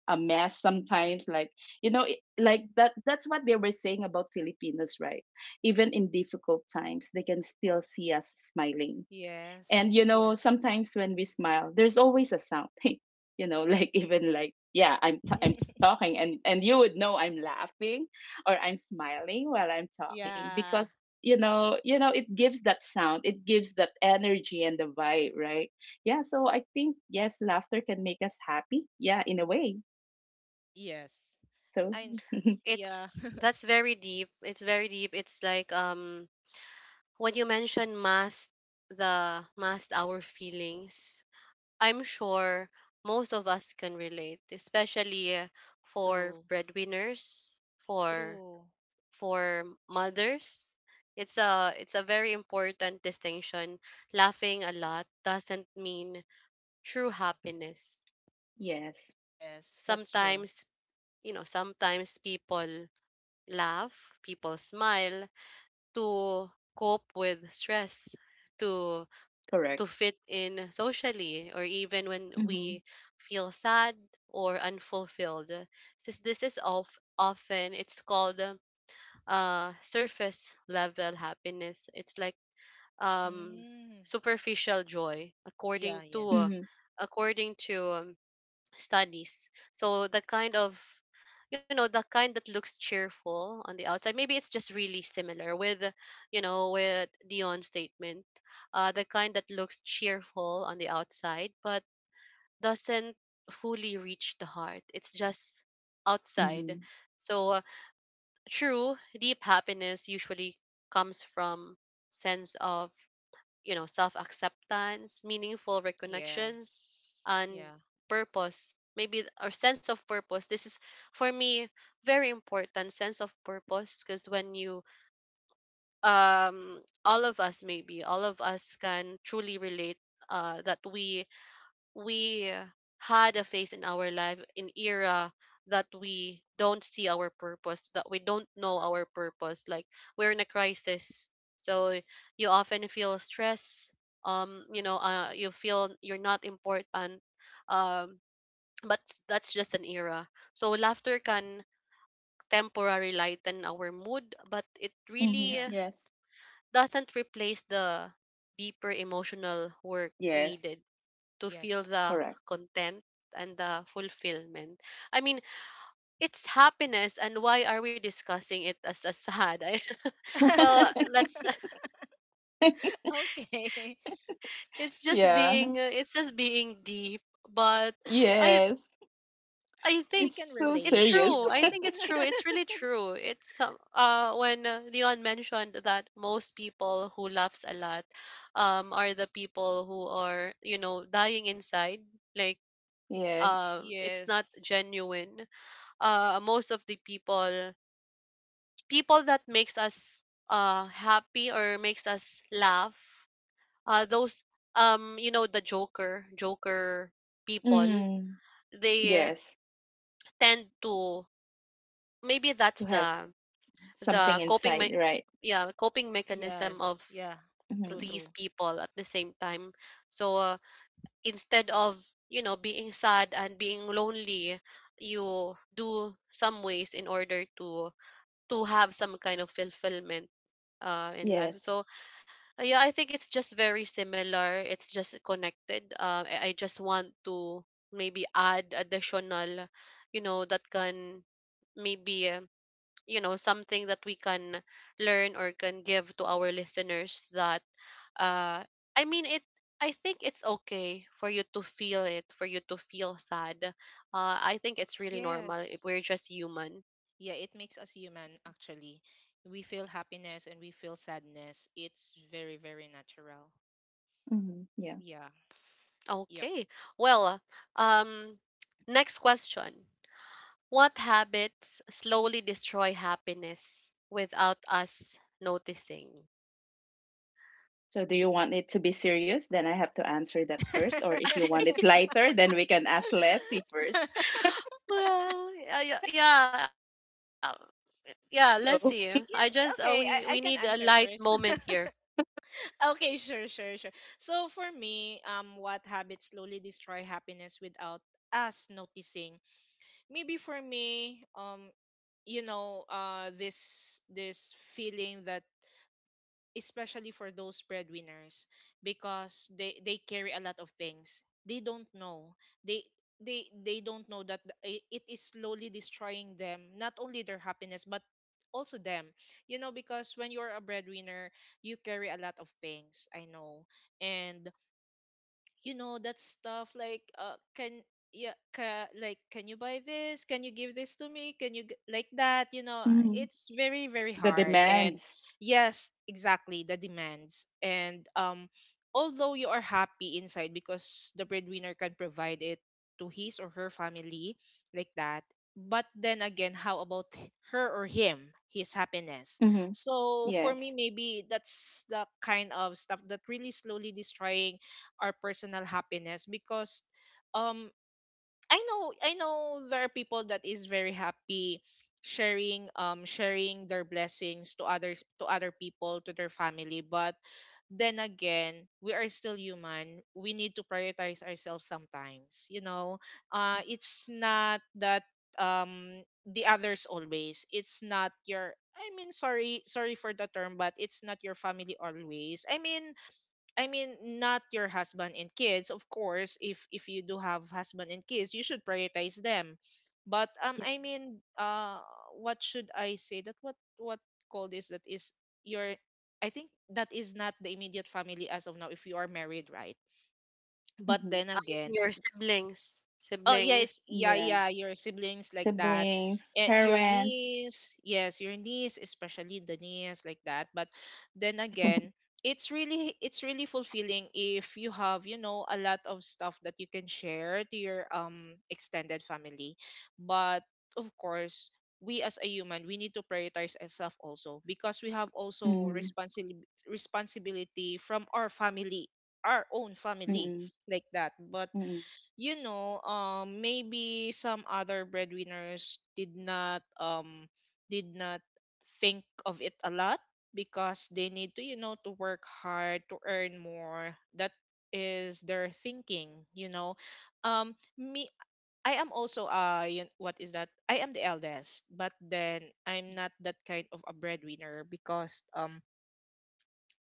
a mess sometimes, like you know, it- like that. That's what they were saying about Filipinos, right? Even in difficult times, they can still see us smiling. And Yes, you know, yes. sometimes when we smile, there's always a sound. <laughs> You know, like even like yeah, I'm t- I'm <laughs> talking, and and you would know I'm laughing or I'm smiling while I'm talking yeah, because you know you know it gives that sound, it gives that energy and the vibe, right? Yeah. So I think yes, laughter can make us happy. Yeah, in a way. yes. So I <laughs> yeah, <laughs> It's, that's very deep. It's very deep. It's like, um when you mention mask, the mask our feelings. I'm sure most of us can relate, especially uh, for true, breadwinners, for true. for mothers. It's a it's a very important distinction. Laughing a lot doesn't mean true happiness. yes, Yes, that's true. Sometimes, you know, sometimes people laugh, people smile, to cope with stress, to to correct. fit in socially, or even when Mm-hmm. we feel sad or unfulfilled, since this is of, often it's called, um, uh surface level happiness, it's like, um Mm. superficial joy, Yeah, according to yeah. uh, Mm-hmm. according to um, studies. So the kind of, you know the kind that looks cheerful on the outside, maybe it's just really similar with, you know with Dion's statement, uh the kind that looks cheerful on the outside but doesn't fully reach the heart, it's just outside. Mm-hmm. So uh, true, deep happiness usually comes from sense of, you know, self acceptance, meaningful reconnections, Yes. and Yeah. purpose. Maybe th- or sense of purpose. This is, for me, very important sense of purpose, because when you, um all of us, maybe all of us can truly relate uh that we we had a phase in our life, an era that we don't see our purpose, that we don't know our purpose. Like, we're in a crisis, so you often feel stress. Um, you know, uh, you feel you're not important. Um, but that's just an era. So laughter can temporarily lighten our mood, but it Mm-hmm. really Yeah. Yes. doesn't replace the deeper emotional work Yes. needed to feel Yes. the Correct. content and the fulfillment. I mean, it's happiness, and why are we discussing it as a sad? I, <laughs> well, let's. <laughs> <laughs> <laughs> Okay. It's just yeah. being. uh, It's just being deep. But I. Yes, I We think it's can so it's relate, you serious. true. I <laughs> know. think it's true. It's really true. It's, uh, uh when uh, Leon mentioned that most people who laughs a lot, um, are the people who are, you know, dying inside. Like, Yes. um, it's not Yes. genuine. Uh most of the people, people that makes us uh happy or makes us laugh, uh those, um you know the joker, joker people, Mm. they Yes, tend to, maybe to that's have the, something the coping inside, me- right? yeah, coping mechanism of Yes. Yeah. True, Hmm. these true. people at the same time. So uh, instead of, you know, being sad and being lonely, you do some ways in order to to have some kind of fulfillment uh, in life. Yes. So uh, yeah, I think it's just very similar. It's just connected. Uh, I, I just want to, maybe add additional, you know, that can, maybe uh, you know, something that we can learn or can give to our listeners that, uh I mean it I think it's okay for you to feel, it for you to feel sad. uh I think it's really normal if Yes. we're just human. Yeah, it makes us human actually. We feel happiness and we feel sadness. It's very, very natural. Hmm. Yeah. Yeah. Yep. Okay, well, um next question. What habits slowly destroy happiness without us noticing? So, do you want it to be serious? Then I have to answer that <laughs> first. yeah, Or if you want it lighter, then we can ask Leslie first. Well, uh, yeah, yeah, yeah. Let's see. I <laughs> just, So, uh, we we need okay, a I, I light can answer moment first. here. <laughs> Okay, sure, sure, sure. So for me, um, what habits slowly destroy happiness without us noticing? Maybe for me, um, you know, uh, this this feeling that especially for those breadwinners because they they carry a lot of things they don't know they they they don't know that the- i- it is slowly destroying them not only their happiness but also them you know because when you're a breadwinner you carry a lot of things I know and you know that stuff like uh can yeah ca, like can you buy this can you give this to me can you g- like that you know mhm, it's very very the hard and demands. yes exactly the demands and um although you are happy inside because the breadwinner can provide it to his or her family like that but then again how about h- her or him his happiness Hmm. so for Yes. me maybe that's the kind of stuff that really slowly destroying our personal happiness because um I know I know there are people that is very happy sharing um sharing their blessings to others to other people to their family but then again we are still human we need to prioritize ourselves sometimes you know uh Mhm. it's not that um the others always it's not your I mean sorry sorry for the term but it's not your family always I mean I mean, not your husband and kids, of course. If if you do have husband and kids, you should prioritize them. But um, I Yes. mean, uh, what should I say? That what what call this? That is your. I think that is not the immediate family as of now. If you are married, right? But Hmm. then I'm, again, your siblings. oh Siblings, yes, yeah, Yeah. yeah, your siblings like that. Siblings, And your parents. niece, yes, your niece, especially the niece like that. But then again, <laughs> it's really it's really fulfilling if you have, you know, a lot of stuff that you can share to your um extended family. But of course, we as a human, we need to prioritize ourselves also because we have also Mm-hmm. responsibility responsibility from our family, our own family Mm-hmm. like that. But you know, um, maybe some other breadwinners did not um did not think of it a lot because they need to, you know, to work hard to earn more. That is their thinking, you know. Um, me, I am also uh, yun- what is that? I am the eldest, but then I'm not that kind of a breadwinner because um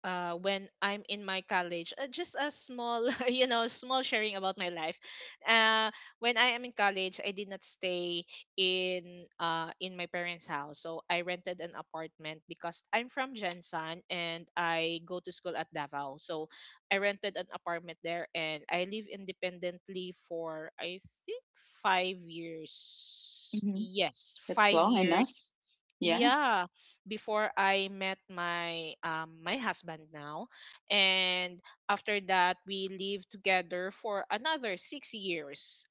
uh, when I'm in my college. Uh, just a small, <laughs> you know, small sharing about my life. Uh, when I am in college, I did not stay in uh, in my parents' house. So I rented an apartment because I'm from Jensan and I go to school at Davao. So I rented an apartment there and I live independently for I think five years. Mm-hmm. Yes, That's five long enough. years. Yeah. Yeah, before I met my um, my husband now, and after that we lived together for another six years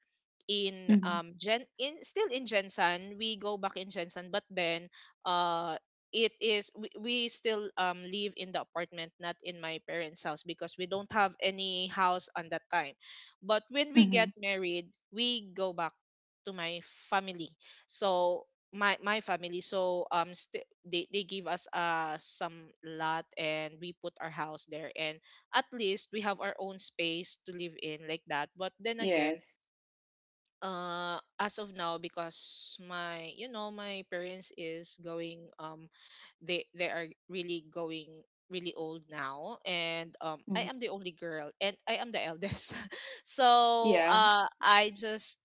in Mm-hmm. um Gen in still in Gensan, we go back in Gensan, but then uh it is we, we still um live in the apartment, not in my parents' house because we don't have any house on that time. But when we Hmm. get married, we go back to my family. So my my family so um st- they they give us uh some lot and we put our house there and at least we have our own space to live in like that but then again Yes. uh as of now because my you know my parents is going um they they are really going really old now and um Hmm. I am the only girl and I am the eldest <laughs> so Yeah. uh I just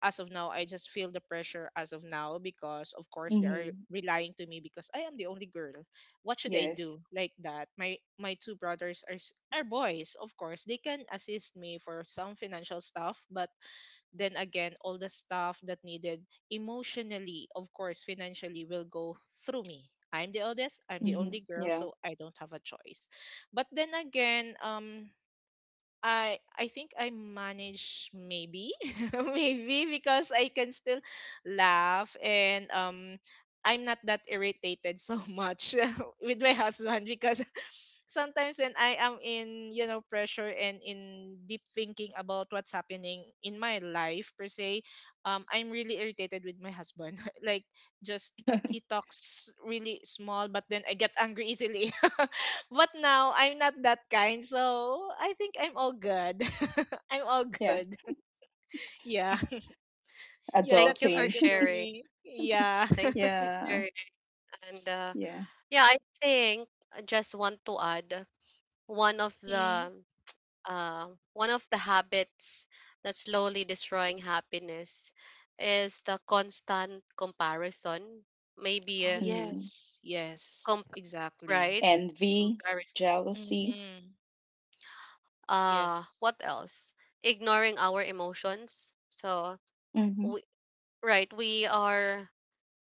as of now I just feel the pressure as of now because of course they are Hmm. relying to me because I am the only girl. What should I Yes. do? Like that. My my two brothers are s- are boys, of course. They can assist me for some financial stuff, but then again all the stuff that needed emotionally, of course, financially will go through me. I'm the oldest, I'm the Hmm. only girl, Yeah. so I don't have a choice. But then again, um I I think I manage maybe <laughs> maybe because I can still laugh and um I'm not that irritated so much <laughs> with my husband because <laughs> sometimes when I am in you know pressure and in deep thinking about what's happening in my life per se um I'm really irritated with my husband <laughs> like just <laughs> he talks really small but then I get angry easily. <laughs> But now I'm not that kind, so I think I'm all good. <laughs> I'm all Yeah. good. Yeah. <laughs> Yeah, thank that's you I for Adulting. guess for <laughs> sharing. me. Yeah. Thank you <laughs> for Yeah. sharing. And uh, Yeah. yeah, I think I just want to add one of Mhm. the, uh, one of the habits that's slowly destroying happiness is the constant comparison. Maybe Oh a Hmm. yes. Yes. comp right, Exactly. Envy, comparison. jealousy. Mhm. Uh, Yes. what else? Ignoring our emotions. So Hmm. we, right, we are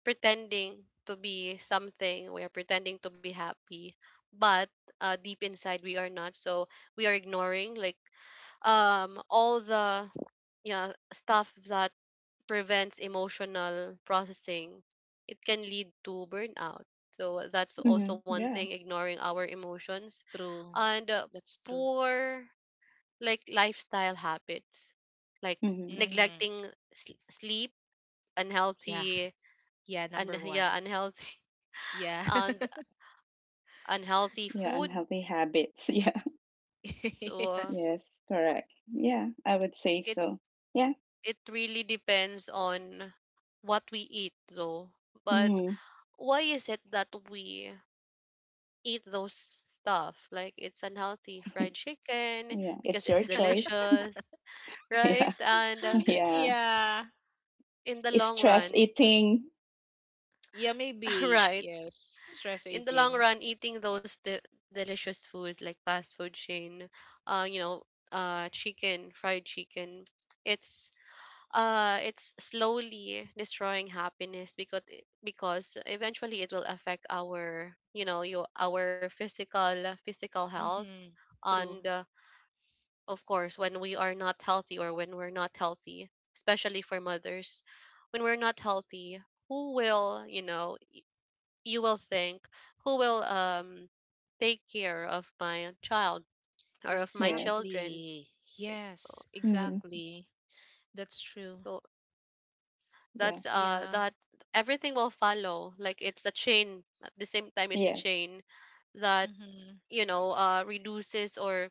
pretending to be something. We are pretending to be happy, but uh, deep inside we are not. So we are ignoring, like, um all the, yeah, stuff that prevents emotional processing, it can lead to burnout. So that's also Hmm. one thing, Yeah. ignoring our emotions. True. And uh, That's true. poor, like, lifestyle habits, like Hmm. Mhm. neglecting sl- sleep, Yeah. unhealthy, Yeah, and number one. yeah, unhealthy <laughs> Yeah. and unhealthy Yeah. food. Unhealthy habits. <laughs> Yeah. So <laughs> uh, yes. Yes. Correct. Yeah. I would say it so. Yeah. it really depends on what we eat, though. But Hmm. why is it that we eat those stuff, like, it's unhealthy fried chicken Yeah. because It's your it's choice. <laughs> delicious, right? Yeah. <gasps> And uh, <laughs> Yeah. Yeah. in the long Stress run, eating. Yeah, <laughs> maybe. right, Yes. Stress in the long eating. run, eating those de- delicious foods like fast food chain, uh you know uh chicken, fried chicken, it's, uh it's slowly destroying happiness because, it- because eventually it will affect our, you know, your, our physical, physical health, Mhm. and True. uh, of course, when we are not healthy, or when we're not healthy, especially for mothers, when we're not healthy, who will, you know, you will think, who will um take care of my child, or of my Yes. children? Exactly. It's, oh, Yes, Hmm. exactly. That's true. so that's Yeah. uh Yeah. that everything will follow. Like, it's a chain. At the same time, it's a Yes. chain that, Mm-hmm. you know, uh reduces, or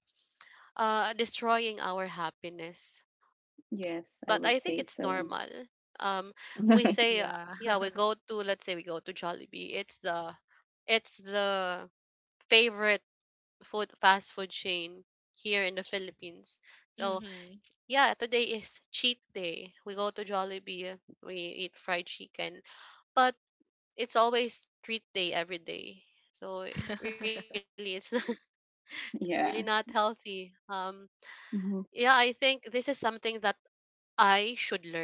uh destroying our happiness. Yes. I But would I think say it's so. normal. Um, we <laughs> say, uh, Yeah. yeah, we go to, let's say we go to Jollibee. It's the it's the favorite food, fast food chain here in the Philippines. <laughs> So mm-hmm. yeah, today is cheat day. We go to Jollibee. We eat fried chicken, but it's always treat day every day. So, eh, really, it's <laughs> <laughs> not really not Yes. healthy. Um, yeah, Hmm. I think this is something that I should learn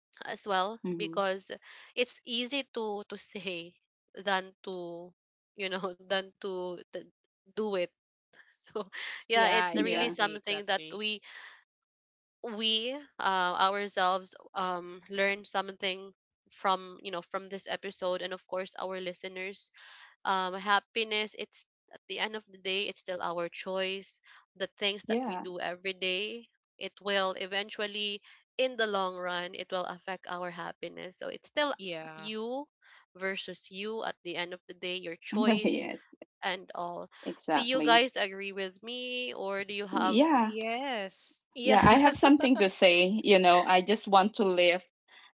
as well, Hmm. because it's easy to to say than to, you know, <laughs> than to th- do it. <laughs> So yeah, yeah, it's Yeah. really exactly, something that exactly. we we uh, ourselves, um learn something from, you know, from this episode, and of course our listeners. Um, happiness, it's at the end of the day, it's still our choice. The things that we Yeah. do every day, it will eventually, in the long run, it will affect our happiness. So it's still Yeah. you versus you, at the end of the day, your <laughs> choice, Yes, and all. Do you exactly. guys agree with me, or do you have? Yeah. Yes. Yeah. Yeah, I have <laughs> something to say. You know, I just want to lift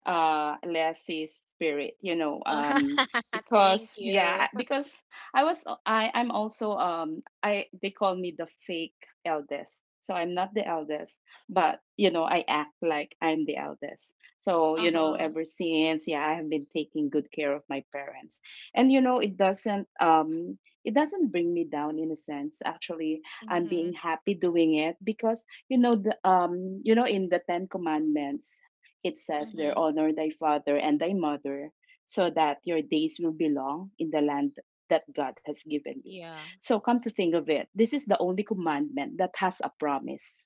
uh Leslie's spirit, you know, um <laughs> Thank because you. yeah, <laughs> because I was I I'm also um I they call me the fake eldest. So I'm not the eldest, but you know, I act like I'm the eldest. So, you know, Uh-huh. ever since, yeah, I have been taking good care of my parents. And you know, it doesn't um it doesn't bring me down in a sense. Actually, I'm Mm-hmm. being happy doing it because you know the um you know in the ten commandments it says there, Mm-hmm. honor thy father and thy mother, so that your days will be long in the land that God has given you. Yeah. So come to think of it, this is the only commandment that has a promise,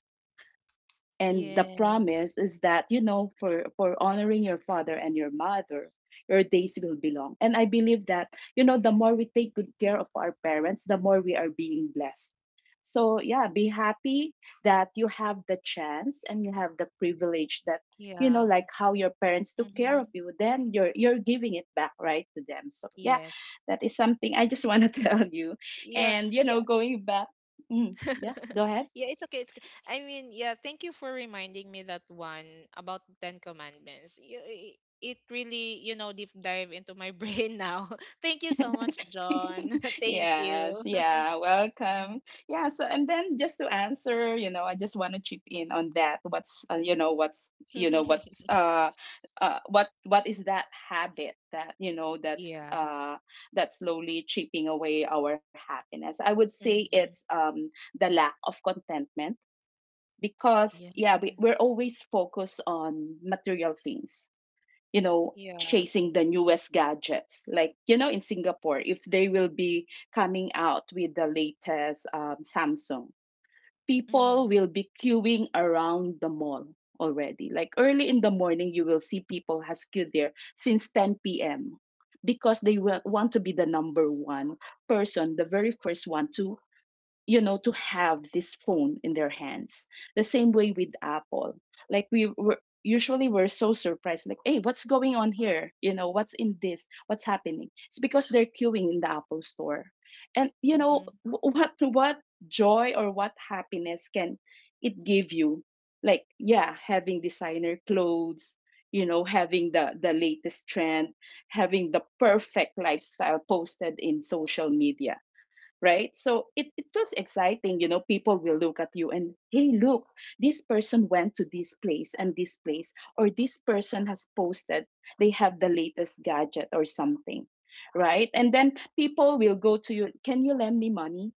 and the promise Yes. is that, you know, for for honoring your father and your mother, your days will be long. And I believe that, you know, the more we take good care of our parents, the more we are being blessed. So yeah, be happy that you have the chance and you have the privilege that, you know, Yeah. like how your parents took care of Mm-hmm. you, then you're you're giving it back, right, to them. So yeah, Yes. that is something I just want to <laughs> tell you. Yeah. And you know, going back, mm, yeah, go <laughs> ahead. yeah, it's okay. It's okay. I mean, yeah, thank you for reminding me that one about the Ten Commandments. You, i- it really, you know, deep dive into my <laughs> brain now. Thank you so much, <laughs> John. <laughs> thank Yes, you. yeah, welcome. Yeah, so and then just to answer, you know, I just want to chip in on that. What's uh, you know, what's you know, what's <laughs> uh, uh, what what is that habit that you know that's yeah. uh that's slowly chipping away our happiness? I would say it's Mm-hmm. um the lack of contentment, because yeah, we, we're Yes. always focused on material things, you know, Yeah. chasing the newest gadgets. Like, you know, in Singapore, if they will be coming out with the latest um, Samsung, people Mm-hmm. will be queuing around the mall already. Like early in the morning, you will see people has queued there since ten p m because they will want to be the number one person, the very first one to, you know, to have this phone in their hands, the same way with Apple. Like we were, usually we're so surprised like, hey, what's going on here, you know, what's in this, what's happening? It's because they're queuing in the Apple store. And you know Mm-hmm. wh- what what joy or what happiness can it give you, like yeah, having designer clothes, you know, having the the latest trend, having the perfect lifestyle posted in social media, right? So it, it feels exciting, you know. People will look at you and, hey, look, this person went to this place and this place, or this person has posted, they have the latest gadget or something, right? And then people will go to you, can you lend me money?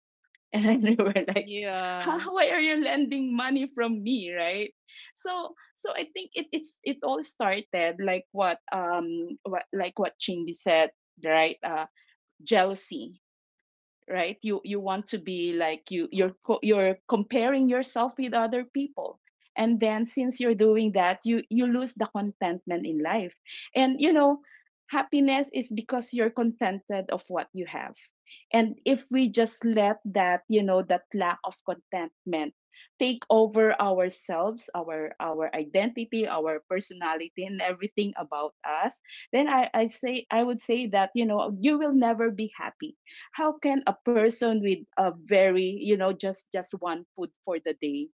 <laughs> And then they were like, Yeah. "Huh, why are you lending money from me, right? So, so I think it it's it all started like what um what like what Chingy said, right? Uh, jealousy, right? You you want to be like you you're co- you're comparing yourself with other people, and then since you're doing that you you lose the contentment in life. And you know happiness is because you're contented of what you have. And if we just let that you know that lack of contentment take over ourselves, our our identity, our personality and everything about us, then i i say I would say that you know you will never be happy. How can a person with a very, you know just just one food for the day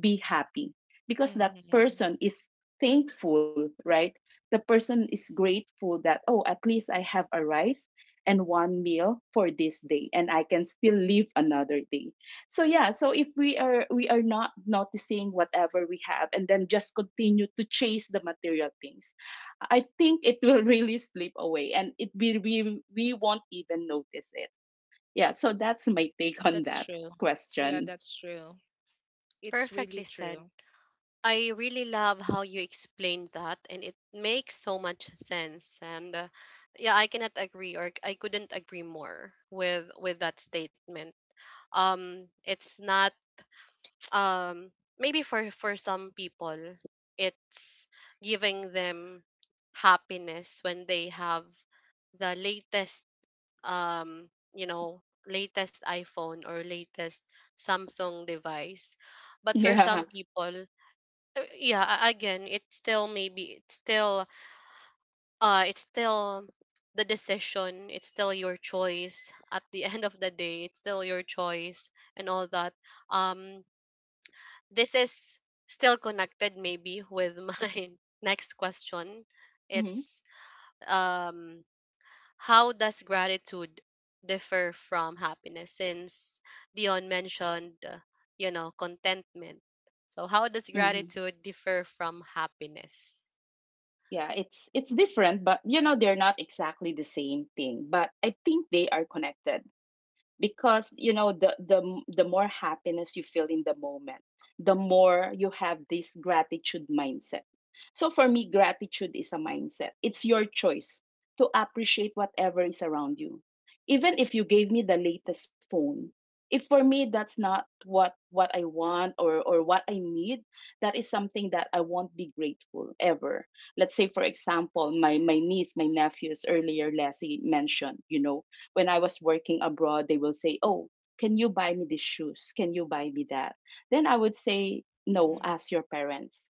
be happy? Because that Mm-hmm. person is thankful, right? The person is grateful that, oh, at least I have a rice and one meal for this day and I can still live another day. So yeah, so if we are we are not noticing whatever we have and then just continue to chase the material things, I think it will <laughs> really slip away and it we we, we won't even notice it. Yeah, so that's my take on That's that true. Yeah, question. that's true. It's really Perfectly true. said. I really love how you explained that, and it makes so much sense. And uh, yeah, I cannot agree, or I couldn't agree more with with that statement. Um, it's not, um maybe for for some people, it's giving them happiness when they have the latest, um you know latest iPhone or latest Samsung device, but for Yeah. some people, uh, yeah, a- again, it's still, maybe it's still, uh it's still the decision, it's still your choice at the <laughs> end of the day, it's still your choice, and all that. um this is still connected maybe with <laughs> my next question. <laughs> hmm It's, um how does gratitude differ from happiness, since Dion mentioned uh, you know, contentment? So how does hmm. gratitude differ from happiness? Yeah, it's it's different, but you know they're not exactly the same thing, but I think they are connected. Because you know the the the more happiness you feel in the moment, the more you have this gratitude mindset. So for me gratitude is a mindset, it's your choice to appreciate whatever is around you. Even if you gave me the latest phone, if for me that's not what what I want, or or what I need, that is something that I won't be grateful ever. Let's say for example my my niece, my nephews, earlier Leslie mentioned, you know, when I was working abroad, they will say, "Oh, can you buy me these shoes? Can you buy me that?" Then I would say, "No, Mm-hmm. ask your parents."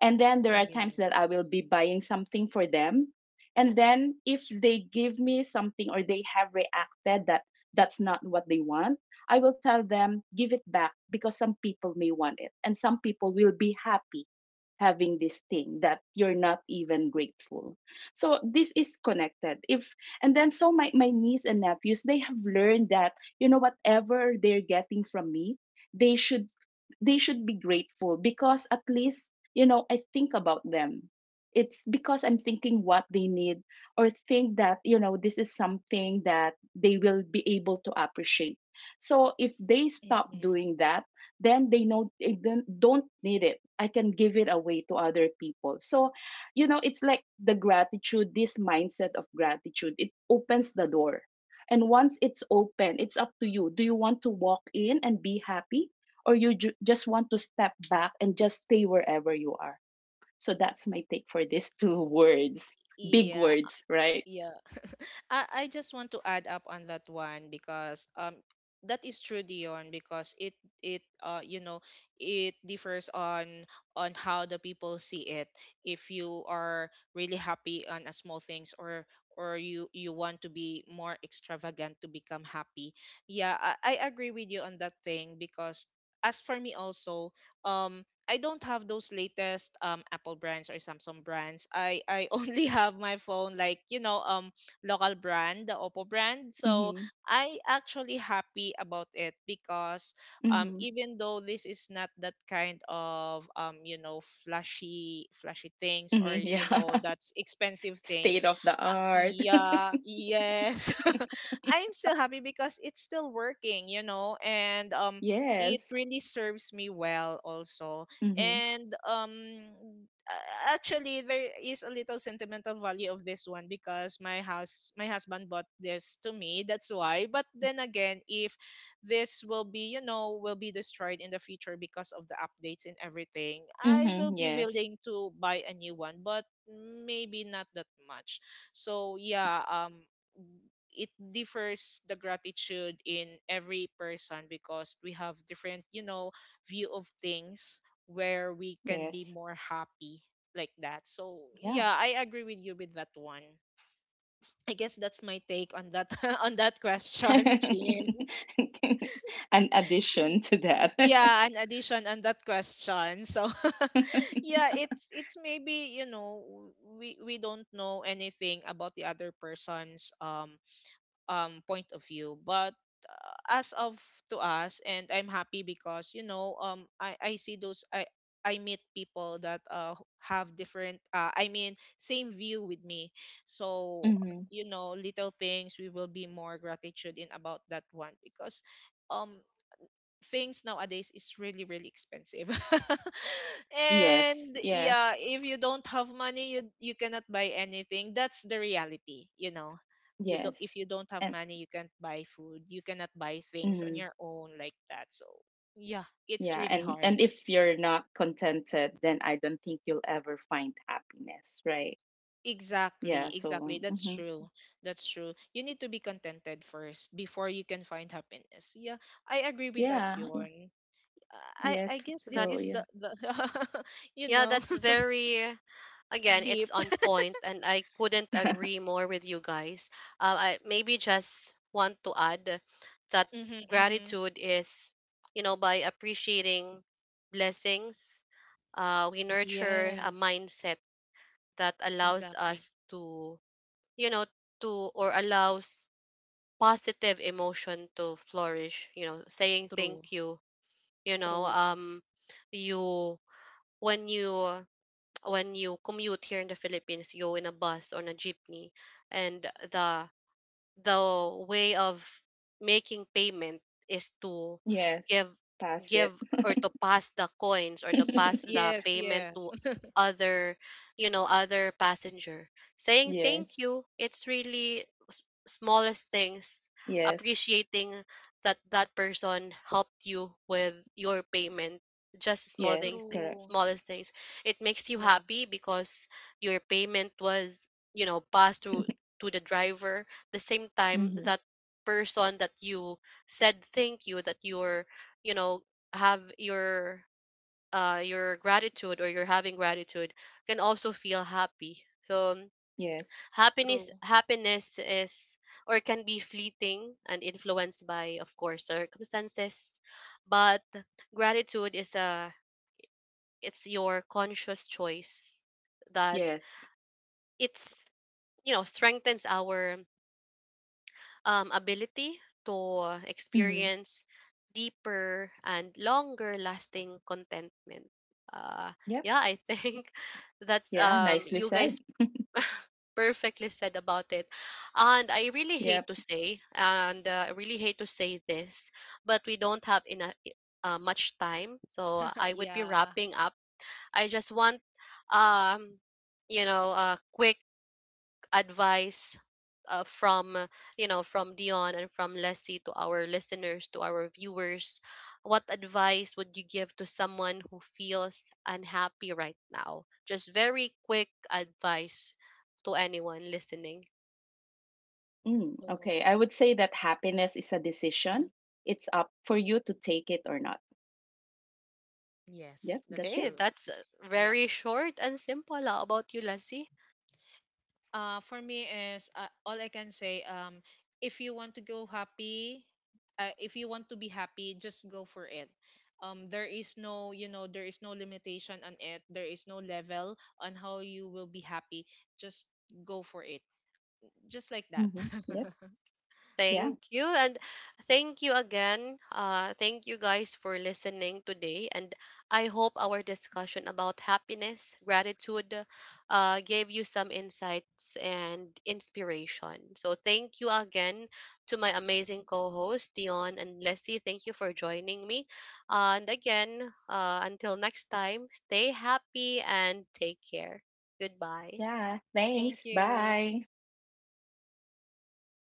And then there are times that I will Yes. be buying something for them. And then if they give me something or they have reacted that that's not what they want, I will tell them, give it back, because some people may want it. And some people will be happy having this thing that you're not even grateful. So this is connected. If and then so my, my niece and nephews, they have learned that, you know, whatever they're getting from me, they should they should be grateful because at least, you know, I think about them. It's because I'm thinking what they need, or think that, you know, this is something that they will be able to appreciate. So if they stop Mm-hmm. doing that, then they know they don't don't need it. I can give it away to other people. So you know, it's like the gratitude, this mindset of gratitude, it opens the door, and once it's open, it's up to you. Do you want to walk in and be happy, or you ju- just want to step back and just stay wherever you are? So that's my take for these <laughs> two words. Big Yeah, words, right? yeah. <laughs> I, I just want to add up on that one because um that is true Dion because it it uh you know it differs on on how the people see it if you are really happy on a small things or or you you want to be more extravagant to become happy yeah I, I agree with you on that thing because as for me also um. I don't have those latest um Apple brands or Samsung brands. I I <laughs> only have my phone like you know um local brand, the Oppo brand. So Mm-hmm, I actually happy about it because um mm-hmm, even though this is not that kind of um you know flashy flashy things or mm-hmm, you know yeah. <laughs> that's expensive State things. of the Uh, art. <laughs> yeah, yes. <laughs> I'm still happy because it's still working, you know, and um it Yes. really serves me well also Mm-hmm, and um a- actually there is a little sentimental value of this one because my house my husband bought this to me that's why but then again if this will be you know will be destroyed in the future because of the updates and everything I will mm-hmm, be yes, willing to buy a new one but maybe not that much so yeah um it differs the gratitude in every person because we have different you know view of things where we can be yes, more happy like that. So yeah. yeah, I agree with you with that one. I guess that's my take on that <laughs> on that <laughs> question, <laughs> Chin. An Y- addition to that. yeah, an addition on that question. So <laughs> yeah, <laughs> it's it's maybe, you know, we we don't know anything about the other person's um um point of view but uh, as of to us and I'm happy because you know um i i see those i i meet people that uh have different uh I mean same view with me so Hmm. you know little things we will be more gratitude in about that one because um things nowadays is really really expensive <laughs> Yes, and yes, yeah if you don't have money you you cannot buy anything that's the reality you know you don't if yes. you don't have And money you can't buy food you cannot buy things on mhm, your own like that so yeah it's yeah, really and hard and if you're not contented, then I don't think you'll ever find happiness, right? Yeah, exactly so exactly that's hmm. true that's true you need to be contented first before you can find happiness yeah I agree with that Yeah, yeah, Yon. i i yes. guess this So is That's, yeah. the the <laughs> you yeah, know that's very, again, <laughs> it's deep on point, and I couldn't <laughs> agree more with you guys. Uh, I maybe just want to add that Mhm, mhm. gratitude is, you know, by appreciating blessings, uh, we nurture a Yes, mindset that allows exactly. us to, you know, to or allows positive emotion to flourish. You know, saying True, thank you. You know, true, um, you when you, when you commute here in the Philippines, you go in a bus or in a jeepney, and the the way of making payment is to Yes, give pass it. give, or to pass the coins, or to mhm. pass the <laughs> Yes, payment yes. to <laughs> other, you know, other passenger, saying thank Yes, you. It's really s- smallest things, yes, appreciating that that person helped you with your payment, just small things, yes, th- correct. true. smallest things, it makes you Yeah, happy because your payment was, you know, passed through <laughs> to the driver, the same time Hmm. that person that you said thank you, that you're, you know, have your, uh your gratitude, or you're having gratitude, can also feel happy. So um, Yes, happiness true. happiness is, or can be, fleeting and influenced by, of course, circumstances, but gratitude is a, it's your conscious choice that, yes. it's, you know, strengthens our, um, ability to Hmm. experience deeper and longer lasting contentment. Uh, Yep. yeah, I think <laughs> that's, Yeah, um, nicely you said. guys perfectly said about it. And I really Yep. hate to say, and uh, I really hate to say this, but we don't have enough. Uh, much time, so <laughs> I would be yeah. wrapping up. I just want, um you know, a quick advice uh, from, uh, you know, from Dion and from Leslie, to our listeners, to our viewers. What advice would you give to someone who feels unhappy right now? Just very quick advice to anyone listening. Mm, Oh, okay. I would say that happiness is a decision. It's up for you to take it or not. yes, Yep, that's that's Okay, true. it. that's uh, Yeah. very short and simple. How about you, Leslie? Uh, for me is uh, all I can say. Um, if you want to go happy, uh, if you want to be happy, just go for it. Um, there is no, you know, there is no limitation on it. There is no level on how you will be happy. Just go for it. Just like that. Mm-hmm. Yep. Yeah. Thank you. And thank you again. Uh, thank you guys for listening today. And I hope our discussion about happiness, gratitude, uh, gave you some insights <laughs> and inspiration. So thank you again to my amazing co hosts, Dion and Leslie. Thank you for joining me. And again, uh, until next time, stay happy and take care. Goodbye. Yeah. Thank Thanks. you. Bye.